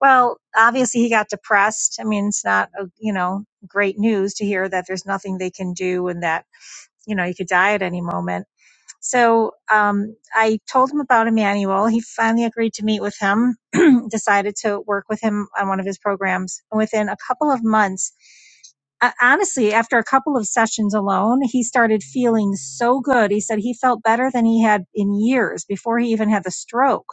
well obviously he got depressed i mean it's not a, you know great news to hear that there's nothing they can do and that you know you could die at any moment so um, I told him about Emmanuel. He finally agreed to meet with him, decided to work with him on one of his programs. And within a couple of months, uh, honestly, after a couple of sessions alone, he started feeling so good. He said he felt better than he had in years before he even had the stroke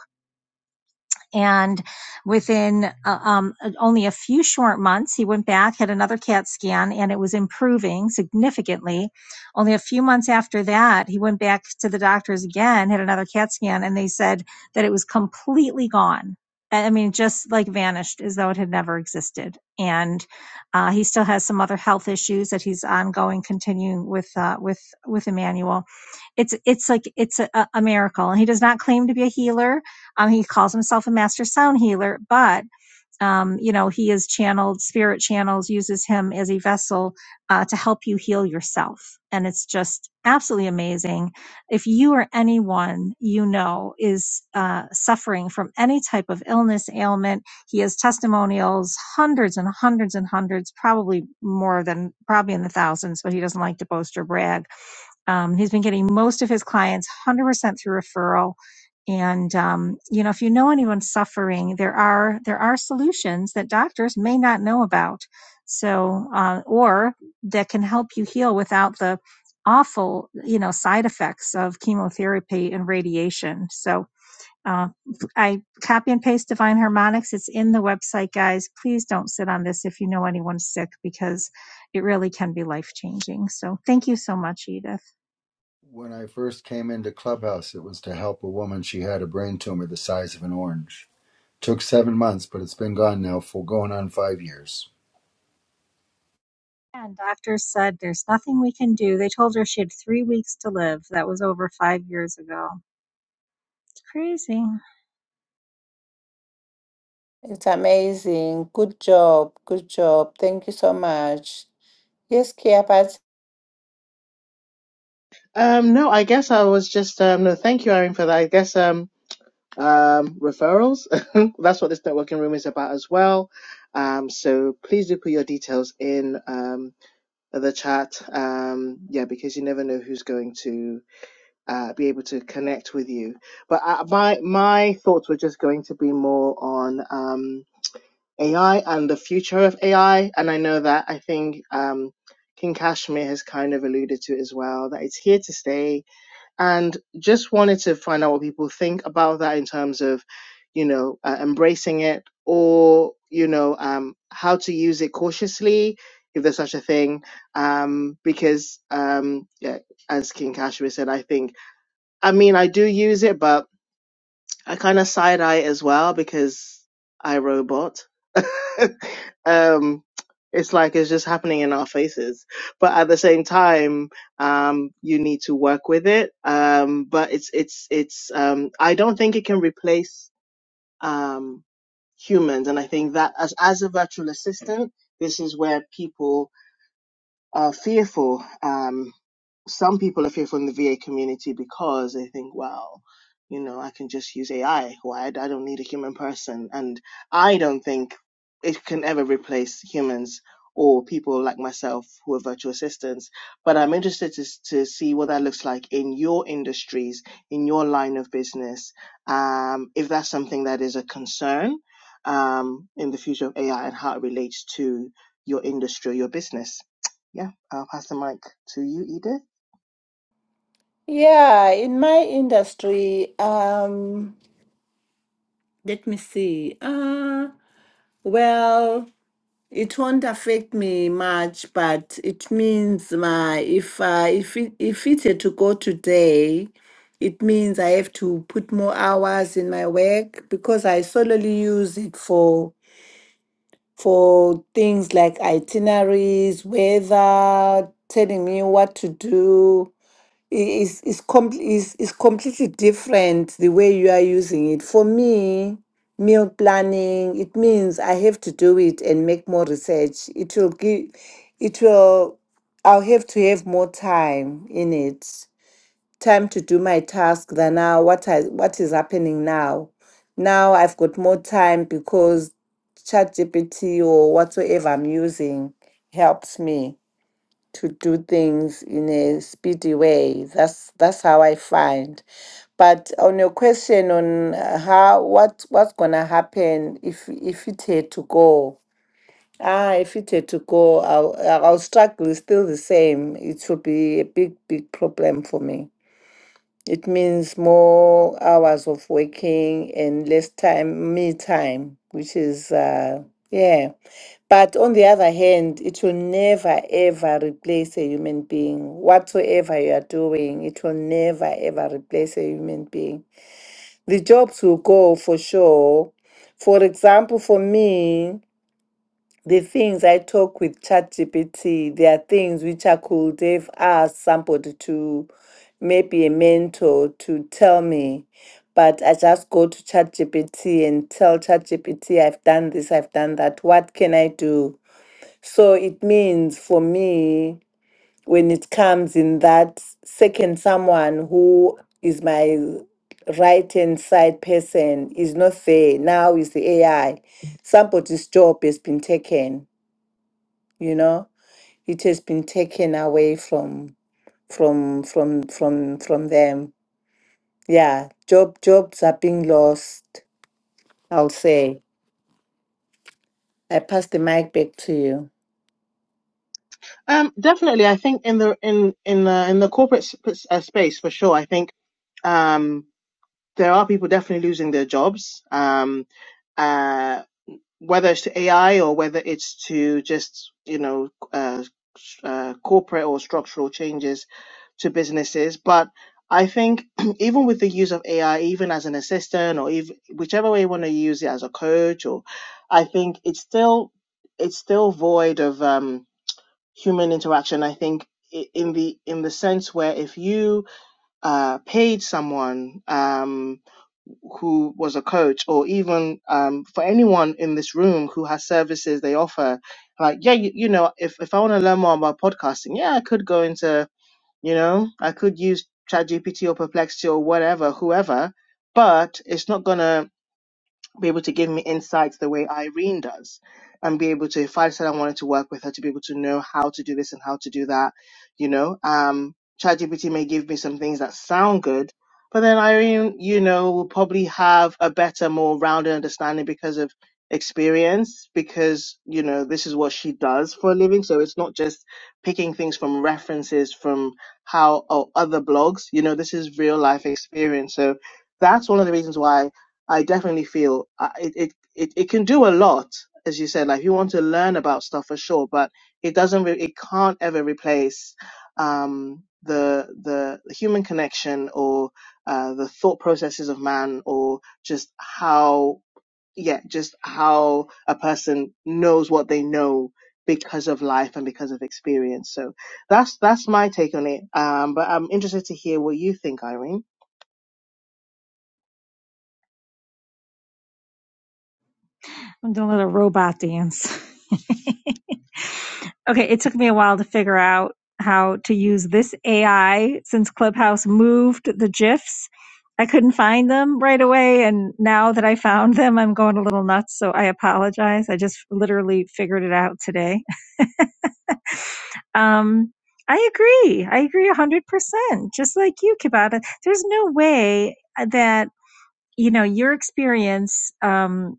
and within uh, um, only a few short months, he went back, had another CAT scan, and it was improving significantly. Only a few months after that, he went back to the doctors again, had another CAT scan, and they said that it was completely gone. I mean, just like vanished as though it had never existed. And uh, he still has some other health issues that he's ongoing, continuing with uh, with with Emmanuel it's it's like it's a a miracle and he does not claim to be a healer um, he calls himself a master sound healer, but um, you know he is channeled. Spirit channels uses him as a vessel uh, to help you heal yourself, and it's just absolutely amazing. If you or anyone you know is uh, suffering from any type of illness, ailment, he has testimonials, hundreds and hundreds and hundreds, probably more than probably in the thousands, but he doesn't like to boast or brag. Um, he's been getting most of his clients 100% through referral and um, you know if you know anyone suffering there are there are solutions that doctors may not know about so uh, or that can help you heal without the awful you know side effects of chemotherapy and radiation so uh, i copy and paste divine harmonics it's in the website guys please don't sit on this if you know anyone's sick because it really can be life changing so thank you so much edith When I first came into Clubhouse, it was to help a woman. She had a brain tumor the size of an orange. Took seven months, but it's been gone now for going on five years. And doctors said there's nothing we can do. They told her she had three weeks to live. That was over five years ago. It's crazy. It's amazing. Good job. Good job. Thank you so much. Yes, Kia, but Um, no, I guess I was just um, no. Thank you, Irene, for that. I guess um, um, referrals. That's what this networking room is about as well. Um, so please do put your details in um, the chat. Um, yeah, because you never know who's going to uh, be able to connect with you. But uh, my my thoughts were just going to be more on um, AI and the future of AI. And I know that I think um, King Kashmir has kind of alluded to it as well that it's here to stay and just wanted to find out what people think about that in terms of you know uh, embracing it or you know um how to use it cautiously if there's such a thing um because um yeah, as king kashmir said i think i mean i do use it but I kind of side eye as well because I robot. um, it's like it's just happening in our faces, but at the same time, um, you need to work with it. Um, but it's it's it's um, I don't think it can replace um, humans, and I think that as as a virtual assistant, this is where people are fearful. Um, some people are fearful in the VA community because they think, well, you know, I can just use AI. Why? I don't need a human person. And I don't think it can ever replace humans or people like myself who are virtual assistants. But I'm interested to, to see what that looks like in your industries, in your line of business, um, if that's something that is a concern um, in the future of AI and how it relates to your industry or your business. Yeah, I'll pass the mic to you, Edith. yeah, in my industry, um, let me see. Uh, well, It won't affect me much, but it means my if uh, if it, if it had to go today, it means I have to put more hours in my work because I solely use it for for things like itineraries, weather, telling me what to do is is com is is completely different the way you are using it. For me, meal planning, it means I have to do it and make more research. It will give it will I'll have to have more time in it. Time to do my task than now what I what is happening now. Now I've got more time because ChatGPT or whatsoever I'm using helps me to do things in a speedy way. That's that's how I find. But on your question on uh, how what what's gonna happen if if it had to go. Ah, if it had to go, I'll, I'll struggle is still the same. It will be a big, big problem for me. It means more hours of working and less time, me time, which is, uh, yeah. But on the other hand, it will never ever replace a human being. Whatsoever you are doing, it will never ever replace a human being. The jobs will go for sure. For example, for me, the things I talk with ChatGPT, there are things which I could have asked somebody to, maybe a mentor, to tell me. But I just go to ChatGPT and tell ChatGPT, I've done this, I've done that. What can I do? So it means for me, when it comes in that second someone who is my right hand side person is not there, now is the AI. Somebody's job has been taken, you know, it has been taken away from from from from from them. Yeah, job jobs are being lost, I'll say. I pass the mic back to you. Um, definitely, I think in the in in the in the corporate sp- uh, space for sure. I think um, there are people definitely losing their jobs. Um, uh, whether it's to AI or whether it's to just you know uh, uh, corporate or structural changes to businesses. But I think even with the use of AI, even as an assistant or even whichever way you want to use it as a coach, or I think it's still it's still void of um, human interaction. I think i- in the in the sense where if you uh, paid someone. Um, who was a coach or even um, for anyone in this room who has services they offer like yeah you, you know if, if i want to learn more about podcasting yeah i could go into you know i could use ChatGPT or perplexity or whatever whoever but it's not gonna be able to give me insights the way Irene does, and be able to, if I said I wanted to work with her, to be able to know how to do this and how to do that. You know, um, ChatGPT may give me some things that sound good, but then Irene, you know, will probably have a better, more rounded understanding because of experience, because, you know, this is what she does for a living. So it's not just picking things from references from how or other blogs, you know, this is real life experience. So that's one of the reasons why I definitely feel uh, it, it, it, it can do a lot, as you said, like you want to learn about stuff for sure, but it doesn't, re- it can't ever replace, um, the, the human connection or, uh, the thought processes of man or just how, yeah, just how a person knows what they know because of life and because of experience. So that's, that's my take on it. Um, but I'm interested to hear what you think, Irene. I'm doing a little robot dance. okay, it took me a while to figure out how to use this AI since Clubhouse moved the GIFs. I couldn't find them right away. And now that I found them, I'm going a little nuts. So I apologize. I just literally figured it out today. Um, I agree. I agree 100%. Just like you, Kibata, there's no way uh, that, you know, your experience, um,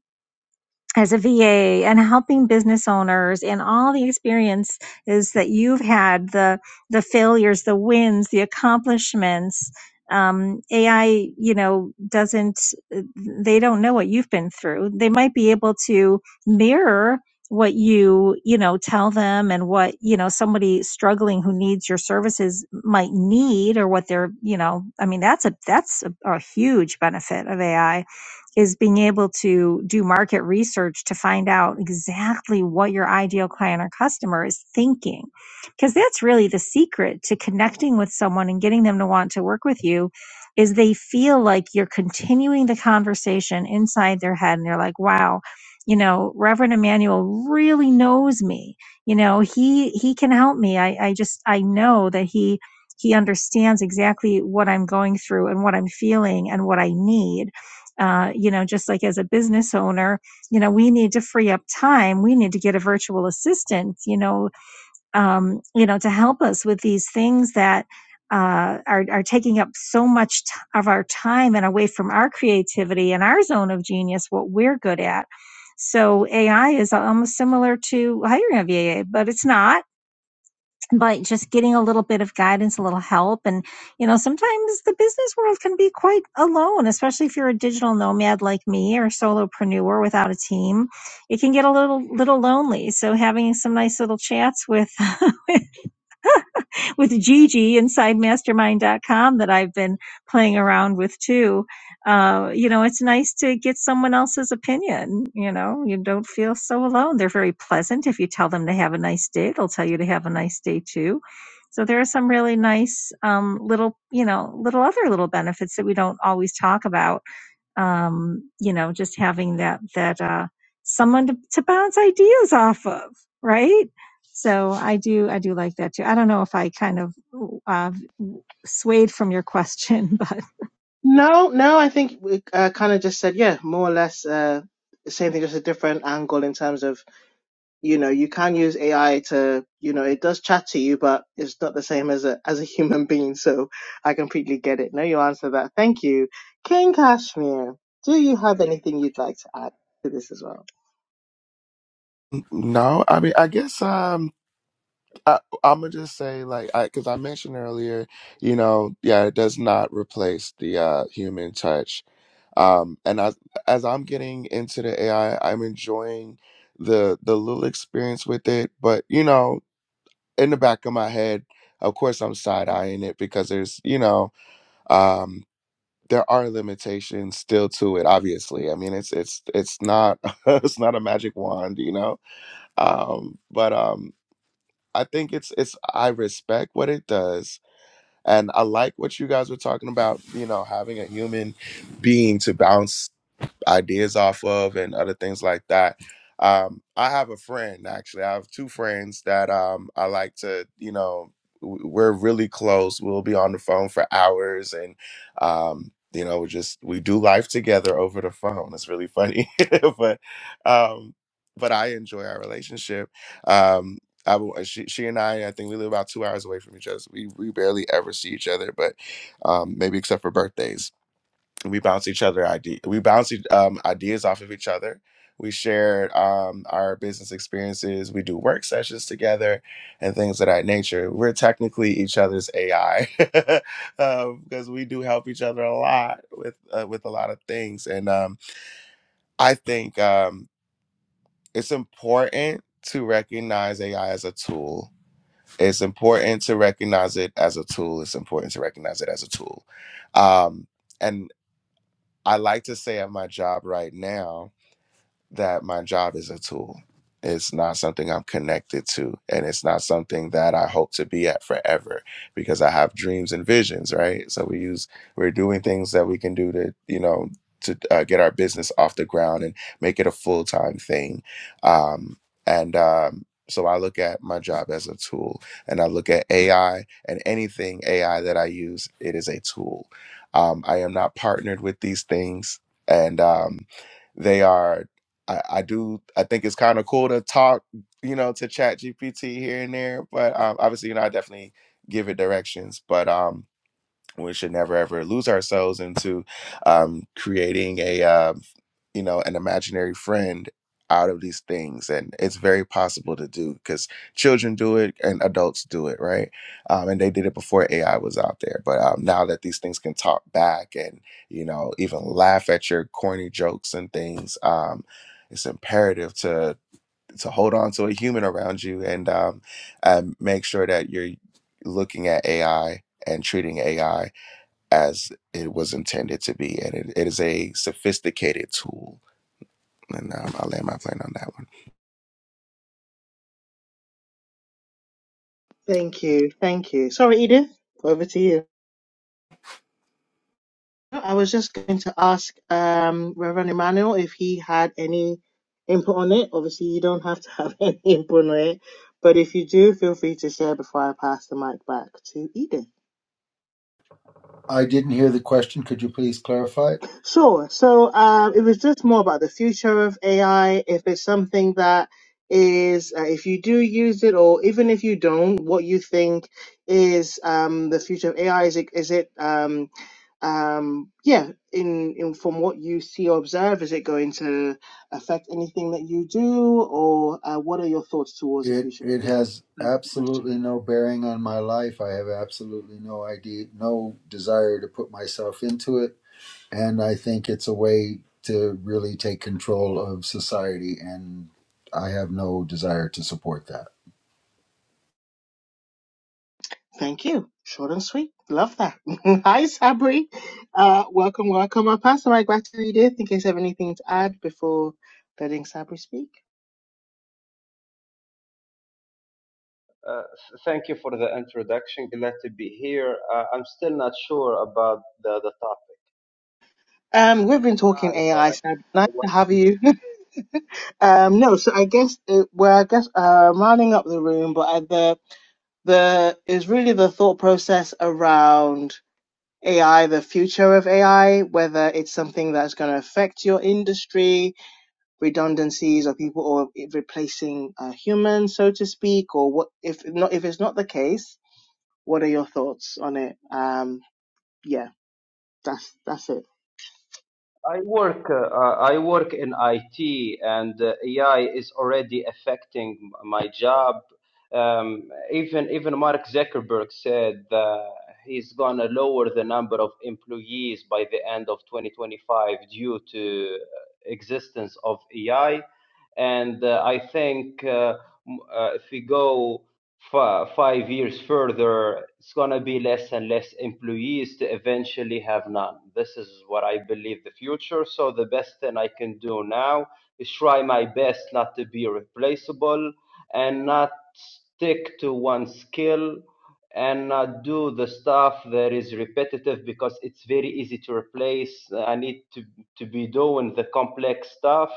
as a VA and helping business owners and all the experiences that you've had, the the failures, the wins, the accomplishments. Um, AI, you know, doesn't they don't know what you've been through. They might be able to mirror what you you know tell them and what you know somebody struggling who needs your services might need or what they're you know i mean that's a that's a, a huge benefit of ai is being able to do market research to find out exactly what your ideal client or customer is thinking. Because that's really the secret to connecting with someone and getting them to want to work with you is they feel like you're continuing the conversation inside their head and they're like, wow, you know, Reverend Emmanuel really knows me. You know, he he can help me. I, I just I know that he he understands exactly what I'm going through and what I'm feeling and what I need uh, you know, just like as a business owner, you know, we need to free up time. We need to get a virtual assistant, you know, um, you know, to help us with these things that uh, are are taking up so much t- of our time and away from our creativity and our zone of genius, what we're good at. So AI is almost similar to hiring a V A, but it's not but just getting a little bit of guidance, a little help. And, you know, sometimes the business world can be quite alone, especially if you're a digital nomad like me or solopreneur without a team. It can get a little, little lonely. So having some nice little chats with, with Gigi inside mastermind dot com that I've been playing around with too. Uh, you know, it's nice to get someone else's opinion. You know, you don't feel so alone. They're very pleasant. If you tell them to have a nice day, they'll tell you to have a nice day too. So there are some really nice um, little, you know, little other little benefits that we don't always talk about um, you know, just having that that uh, someone to, to bounce ideas off of, right? So I do I do like that too. I don't know if I kind of uh, swayed from your question, but. No, no, I think we uh, kind of just said, yeah, more or less uh, the same thing, just a different angle in terms of, you know, you can use AI to, you know, it does chat to you, but it's not the same as a as a human being. So I completely get it. No, you answered that. Thank you. King Kashmir, do you have anything you'd like to add to this as well? N- No, I mean, I guess um, I, I'm gonna just say like, I because I mentioned earlier, you know, yeah, it does not replace the uh, human touch. Um, and as as I'm getting into the AI, I'm enjoying the the little experience with it. But you know, in the back of my head, of course, I'm side eyeing it because there's you know. um. there are limitations still to it obviously i mean it's it's it's not it's not a magic wand you know um but um i think it's it's i respect what it does and i like what you guys were talking about you know having a human being to bounce ideas off of and other things like that. Um, I have a friend actually. I have two friends that um, I like to, you know, w- we're really close. We'll be on the phone for hours, and um, you know, we just we do life together over the phone. It's really funny, but um, but I enjoy our relationship. Um, I, w- uh, she, she and I, I think we live about two hours away from each other. so we we barely ever see each other, but um, maybe except for birthdays we bounce each other idea we bounce each- um, ideas off of each other we share um, our business experiences we do work sessions together and things of that nature we're technically each other's ai because we do help each other a lot with uh, with a lot of things and um, i think um, it's important to recognize ai as a tool it's important to recognize it as a tool it's important to recognize it as a tool um, and I like to say at my job right now, that my job is a tool. It's not something I'm connected to, and it's not something that I hope to be at forever because I have dreams and visions, right? So we use we're doing things that we can do to you know to uh, get our business off the ground and make it a full time thing, um, and um, so I look at my job as a tool, and I look at AI and anything AI that I use, it is a tool. Um, I am not partnered with these things, and um, they are I, I do I think it's kind of cool to talk, you know, to chat GPT here and there, but um, obviously, you know, I definitely give it directions. But um we should never ever lose ourselves into um, creating a um, you know an imaginary friend out of these things and it's very possible to do because children do it and adults do it right um, and they did it before ai was out there but um, now that these things can talk back and you know even laugh at your corny jokes and things um, it's imperative to to hold on to a human around you and um, and make sure that you're looking at ai and treating ai as it was intended to be. And it, it is a sophisticated tool. And um, I'll land my plane on that one. Thank you. Thank you. Sorry, Edith, over to you. No, I was just going to ask um, Reverend Emmanuel if he had any input on it. Obviously, you don't have to have any input on it, but if you do, feel free to share before I pass the mic back to Eden. I didn't hear the question. Could you please clarify? Sure. So um, it was just more about the future of AI. If it's something that is, uh, if you do use it, or even if you don't, what you think is um, the future of AI? Is it, is it um, um yeah in in from what you see or observe is it going to affect anything that you do or uh, what are your thoughts towards the it future of it ai has that's the question absolutely no bearing on my life. I have absolutely no idea, no desire to put myself into it, and I think it's a way to really take control of society, and I have no desire to support that. thank you short and sweet love that hi sabri uh welcome welcome i'll pass the mic back to you dear in case you have anything to add before letting sabri speak Uh, thank you for the introduction. Glad to be here. Uh, I'm still not sure about the, the topic, um we've been talking but ai I sabri don't nice know what. to have you Um, no, so I guess it, well, I guess uh, I'm rounding up the room, but I, the the is really the thought process around AI, the future of AI, whether it's something that's going to affect your industry, redundancies, or people, or it replacing uh, humans, so to speak, or what if not if it's not the case, what are your thoughts on it? Um, yeah, that's that's it. I work. Uh, I work in IT, and uh, AI is already affecting m- my job. Um, even even Mark Zuckerberg said that he's gonna lower the number of employees by the end of 2025 due to uh, existence of AI. And uh, I think uh, m- uh, if we go fi- five years further, it's going to be less and less employees to eventually have none. This is what I believe the future. So the best thing I can do now is try my best not to be replaceable and not stick to one skill and not do the stuff that is repetitive because it's very easy to replace. I need to, to be doing the complex stuff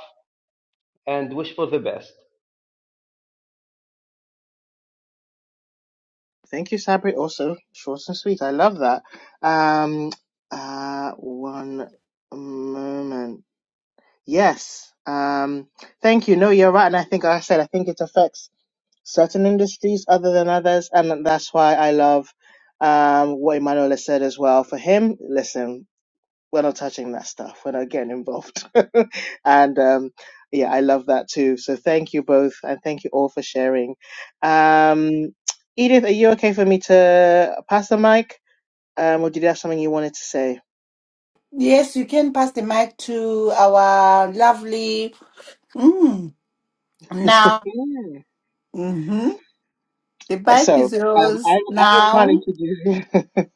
and wish for the best. Thank you, Sabri. Also, short and sweet. I love that. Um, uh, one moment. Yes. Um, thank you. No, you're right. And I think, like I said, I think it affects certain industries other than others. And that's why I love um, what Emmanuel said as well. For him, listen, we're not touching that stuff. We're not getting involved. and um, yeah, I love that too. So thank you both, and thank you all for sharing. Um, Edith, are you okay for me to pass the mic, um, or did you have something you wanted to say? Yes, you can pass the mic to our lovely. Now, Yeah. hmm the bike So is um, I, yours I will try now. to do.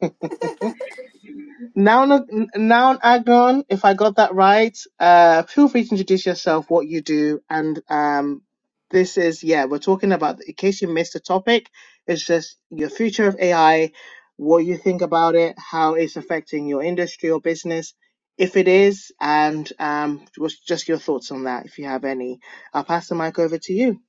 Noun, noun Agnon, if I got that right, uh, feel free to introduce yourself, what you do, and um, this is yeah, we're talking about. In case you missed the topic, it's just your future of AI, what you think about it, how it's affecting your industry or business, if it is, and um, what's just your thoughts on that, if you have any. I'll pass the mic over to you.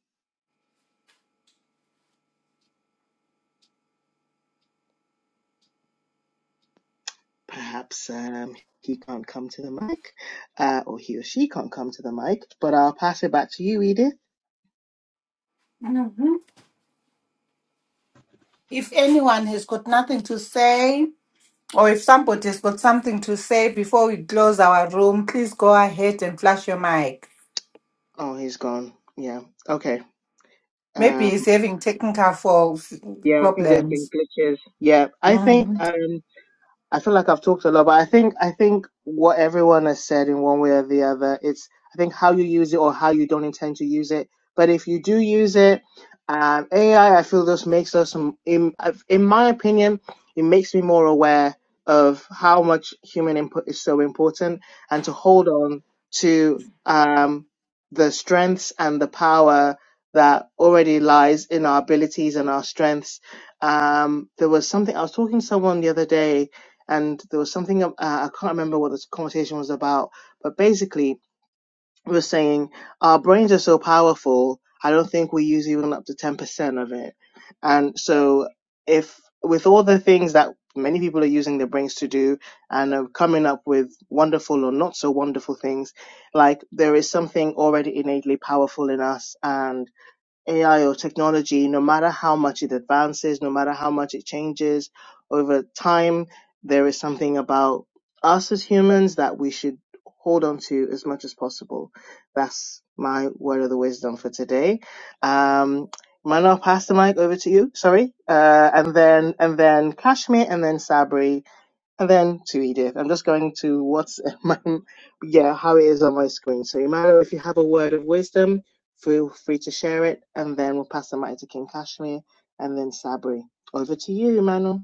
Perhaps um, he can't come to the mic, uh, or he or she can't come to the mic, but I'll pass it back to you, Edith. hmm If anyone has got nothing to say, or if somebody has got something to say before we close our room, please go ahead and flash your mic. Oh, he's gone. Yeah. Okay. Maybe Um, he's having technical for f- yeah, I think there's been problems. glitches. Yeah, I think. Mhm. Um, I feel like I've talked a lot, but I think I think what everyone has said in one way or the other, it's I think how you use it or how you don't intend to use it. But if you do use it, um, AI, I I feel this makes us, um, in in my opinion, it makes me more aware of how much human input is so important, and to hold on to um, the strengths and the power that already lies in our abilities and our strengths. Um, there was something I was talking to someone the other day and there was something uh, I can't remember what this conversation was about, but basically we were saying our brains are so powerful. I don't think we use even up to ten percent of it, and so if with all the things that many people are using their brains to do and are coming up with wonderful or not so wonderful things, like there is something already innately powerful in us and. AI or technology, no matter how much it advances, no matter how much it changes over time, there is something about us as humans that we should hold on to as much as possible. That's my word of the wisdom for today. Um, Manuel, pass the mic over to you. Sorry, uh, and then and then Kashmir, and then Sabri. And then to Edith. I'm just going to what's my, yeah, how it is on my screen. So, Emmanuel, if you have a word of wisdom, feel free to share it, and then we'll pass the mic to King Kashmir and then Sabri. Over to you, Emmanuel.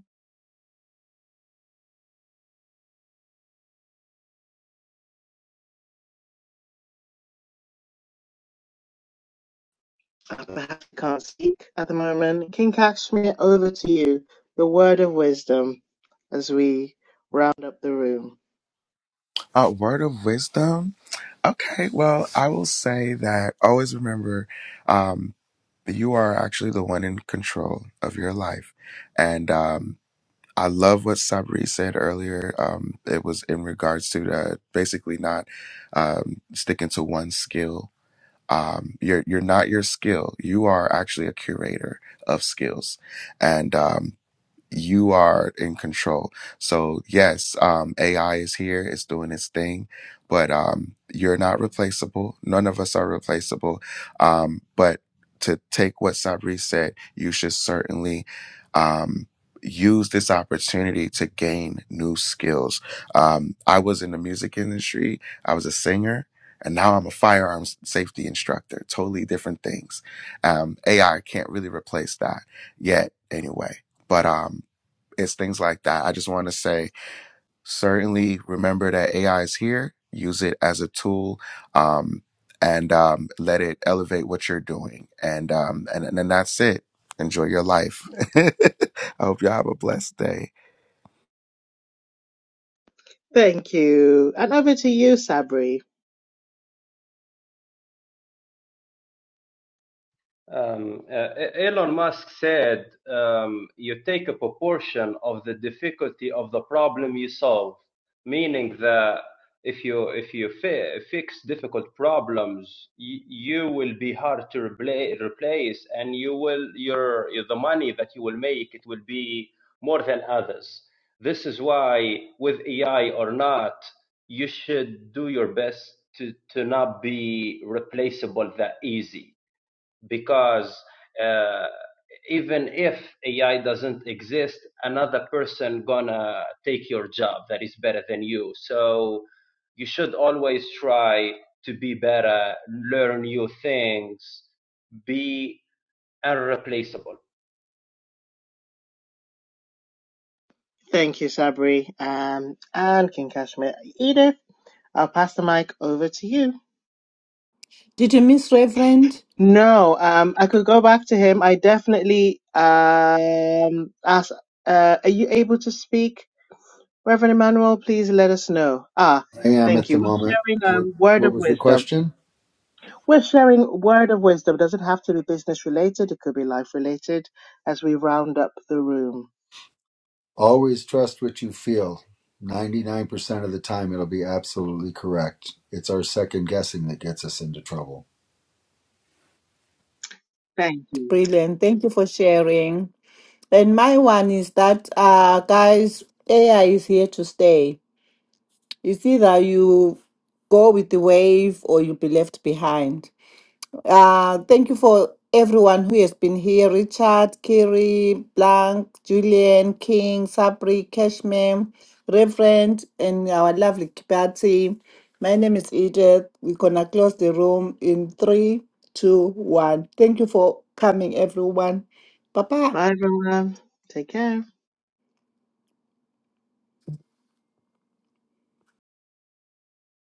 I perhaps can't speak at the moment. King Kashmir, over to you. Your word of wisdom as we round up the room. Uh, word of wisdom. Okay, well, I will say that always remember um, you are actually the one in control of your life. And um, I love what Sabri said earlier. Um, it was in regards to uh, basically not um, sticking to one skill. Um, you're you're not your skill. You are actually a curator of skills and um, you are in control. So yes, um, AI is here, it's doing its thing, but um, you're not replaceable. None of us are replaceable. Um, but to take what Sabri said, you should certainly um, use this opportunity to gain new skills. Um, I was in the music industry. I was a singer. And now I'm a firearms safety instructor. Totally different things. Um, AI can't really replace that yet, anyway. But um, it's things like that. I just want to say certainly remember that AI is here. Use it as a tool, um, and um, let it elevate what you're doing. And um, and and then that's it. Enjoy your life. I hope y'all have a blessed day. Thank you. And over to you, Sabri. Um, uh, E- Elon Musk said, um, you take a proportion of the difficulty of the problem you solve, meaning that if you if you fi- fix difficult problems, y- you will be hard to repla- replace, and you will your your- the money that you will make it will be more than others. This is why, with AI or not, you should do your best to to not be replaceable that easy because uh, even if AI doesn't exist, another person gonna take your job that is better than you. So you should always try to be better, learn new things, be unreplaceable. Thank you, Sabri. Um, and King Kashmir. Edith, I'll pass the mic over to you. Did you miss Reverend? No, um, I could go back to him. I definitely um ask. Uh, are you able to speak, Reverend Emmanuel? Please let us know. Ah, I am thank at the you. moment. We're sharing a What word what of was the wisdom. question? We're sharing word of wisdom. Doesn't have to be business related. It could be life related. As we round up the room. Always trust what you feel. 99% of the time, it'll be absolutely correct. It's our second guessing that gets us into trouble. Thank you. Brilliant. Thank you for sharing. And my one is that, uh, guys, AI is here to stay You see that you go with the wave or you'll be left behind. Uh, thank you for everyone who has been here Richard, Kiri, Blank, Julian, King, Sabri, Cashman, Reverend, and our lovely Kibati. My name is Edith. We're going to close the room in three, two, one. Thank you for coming, everyone. Bye bye. Bye, everyone. Take care.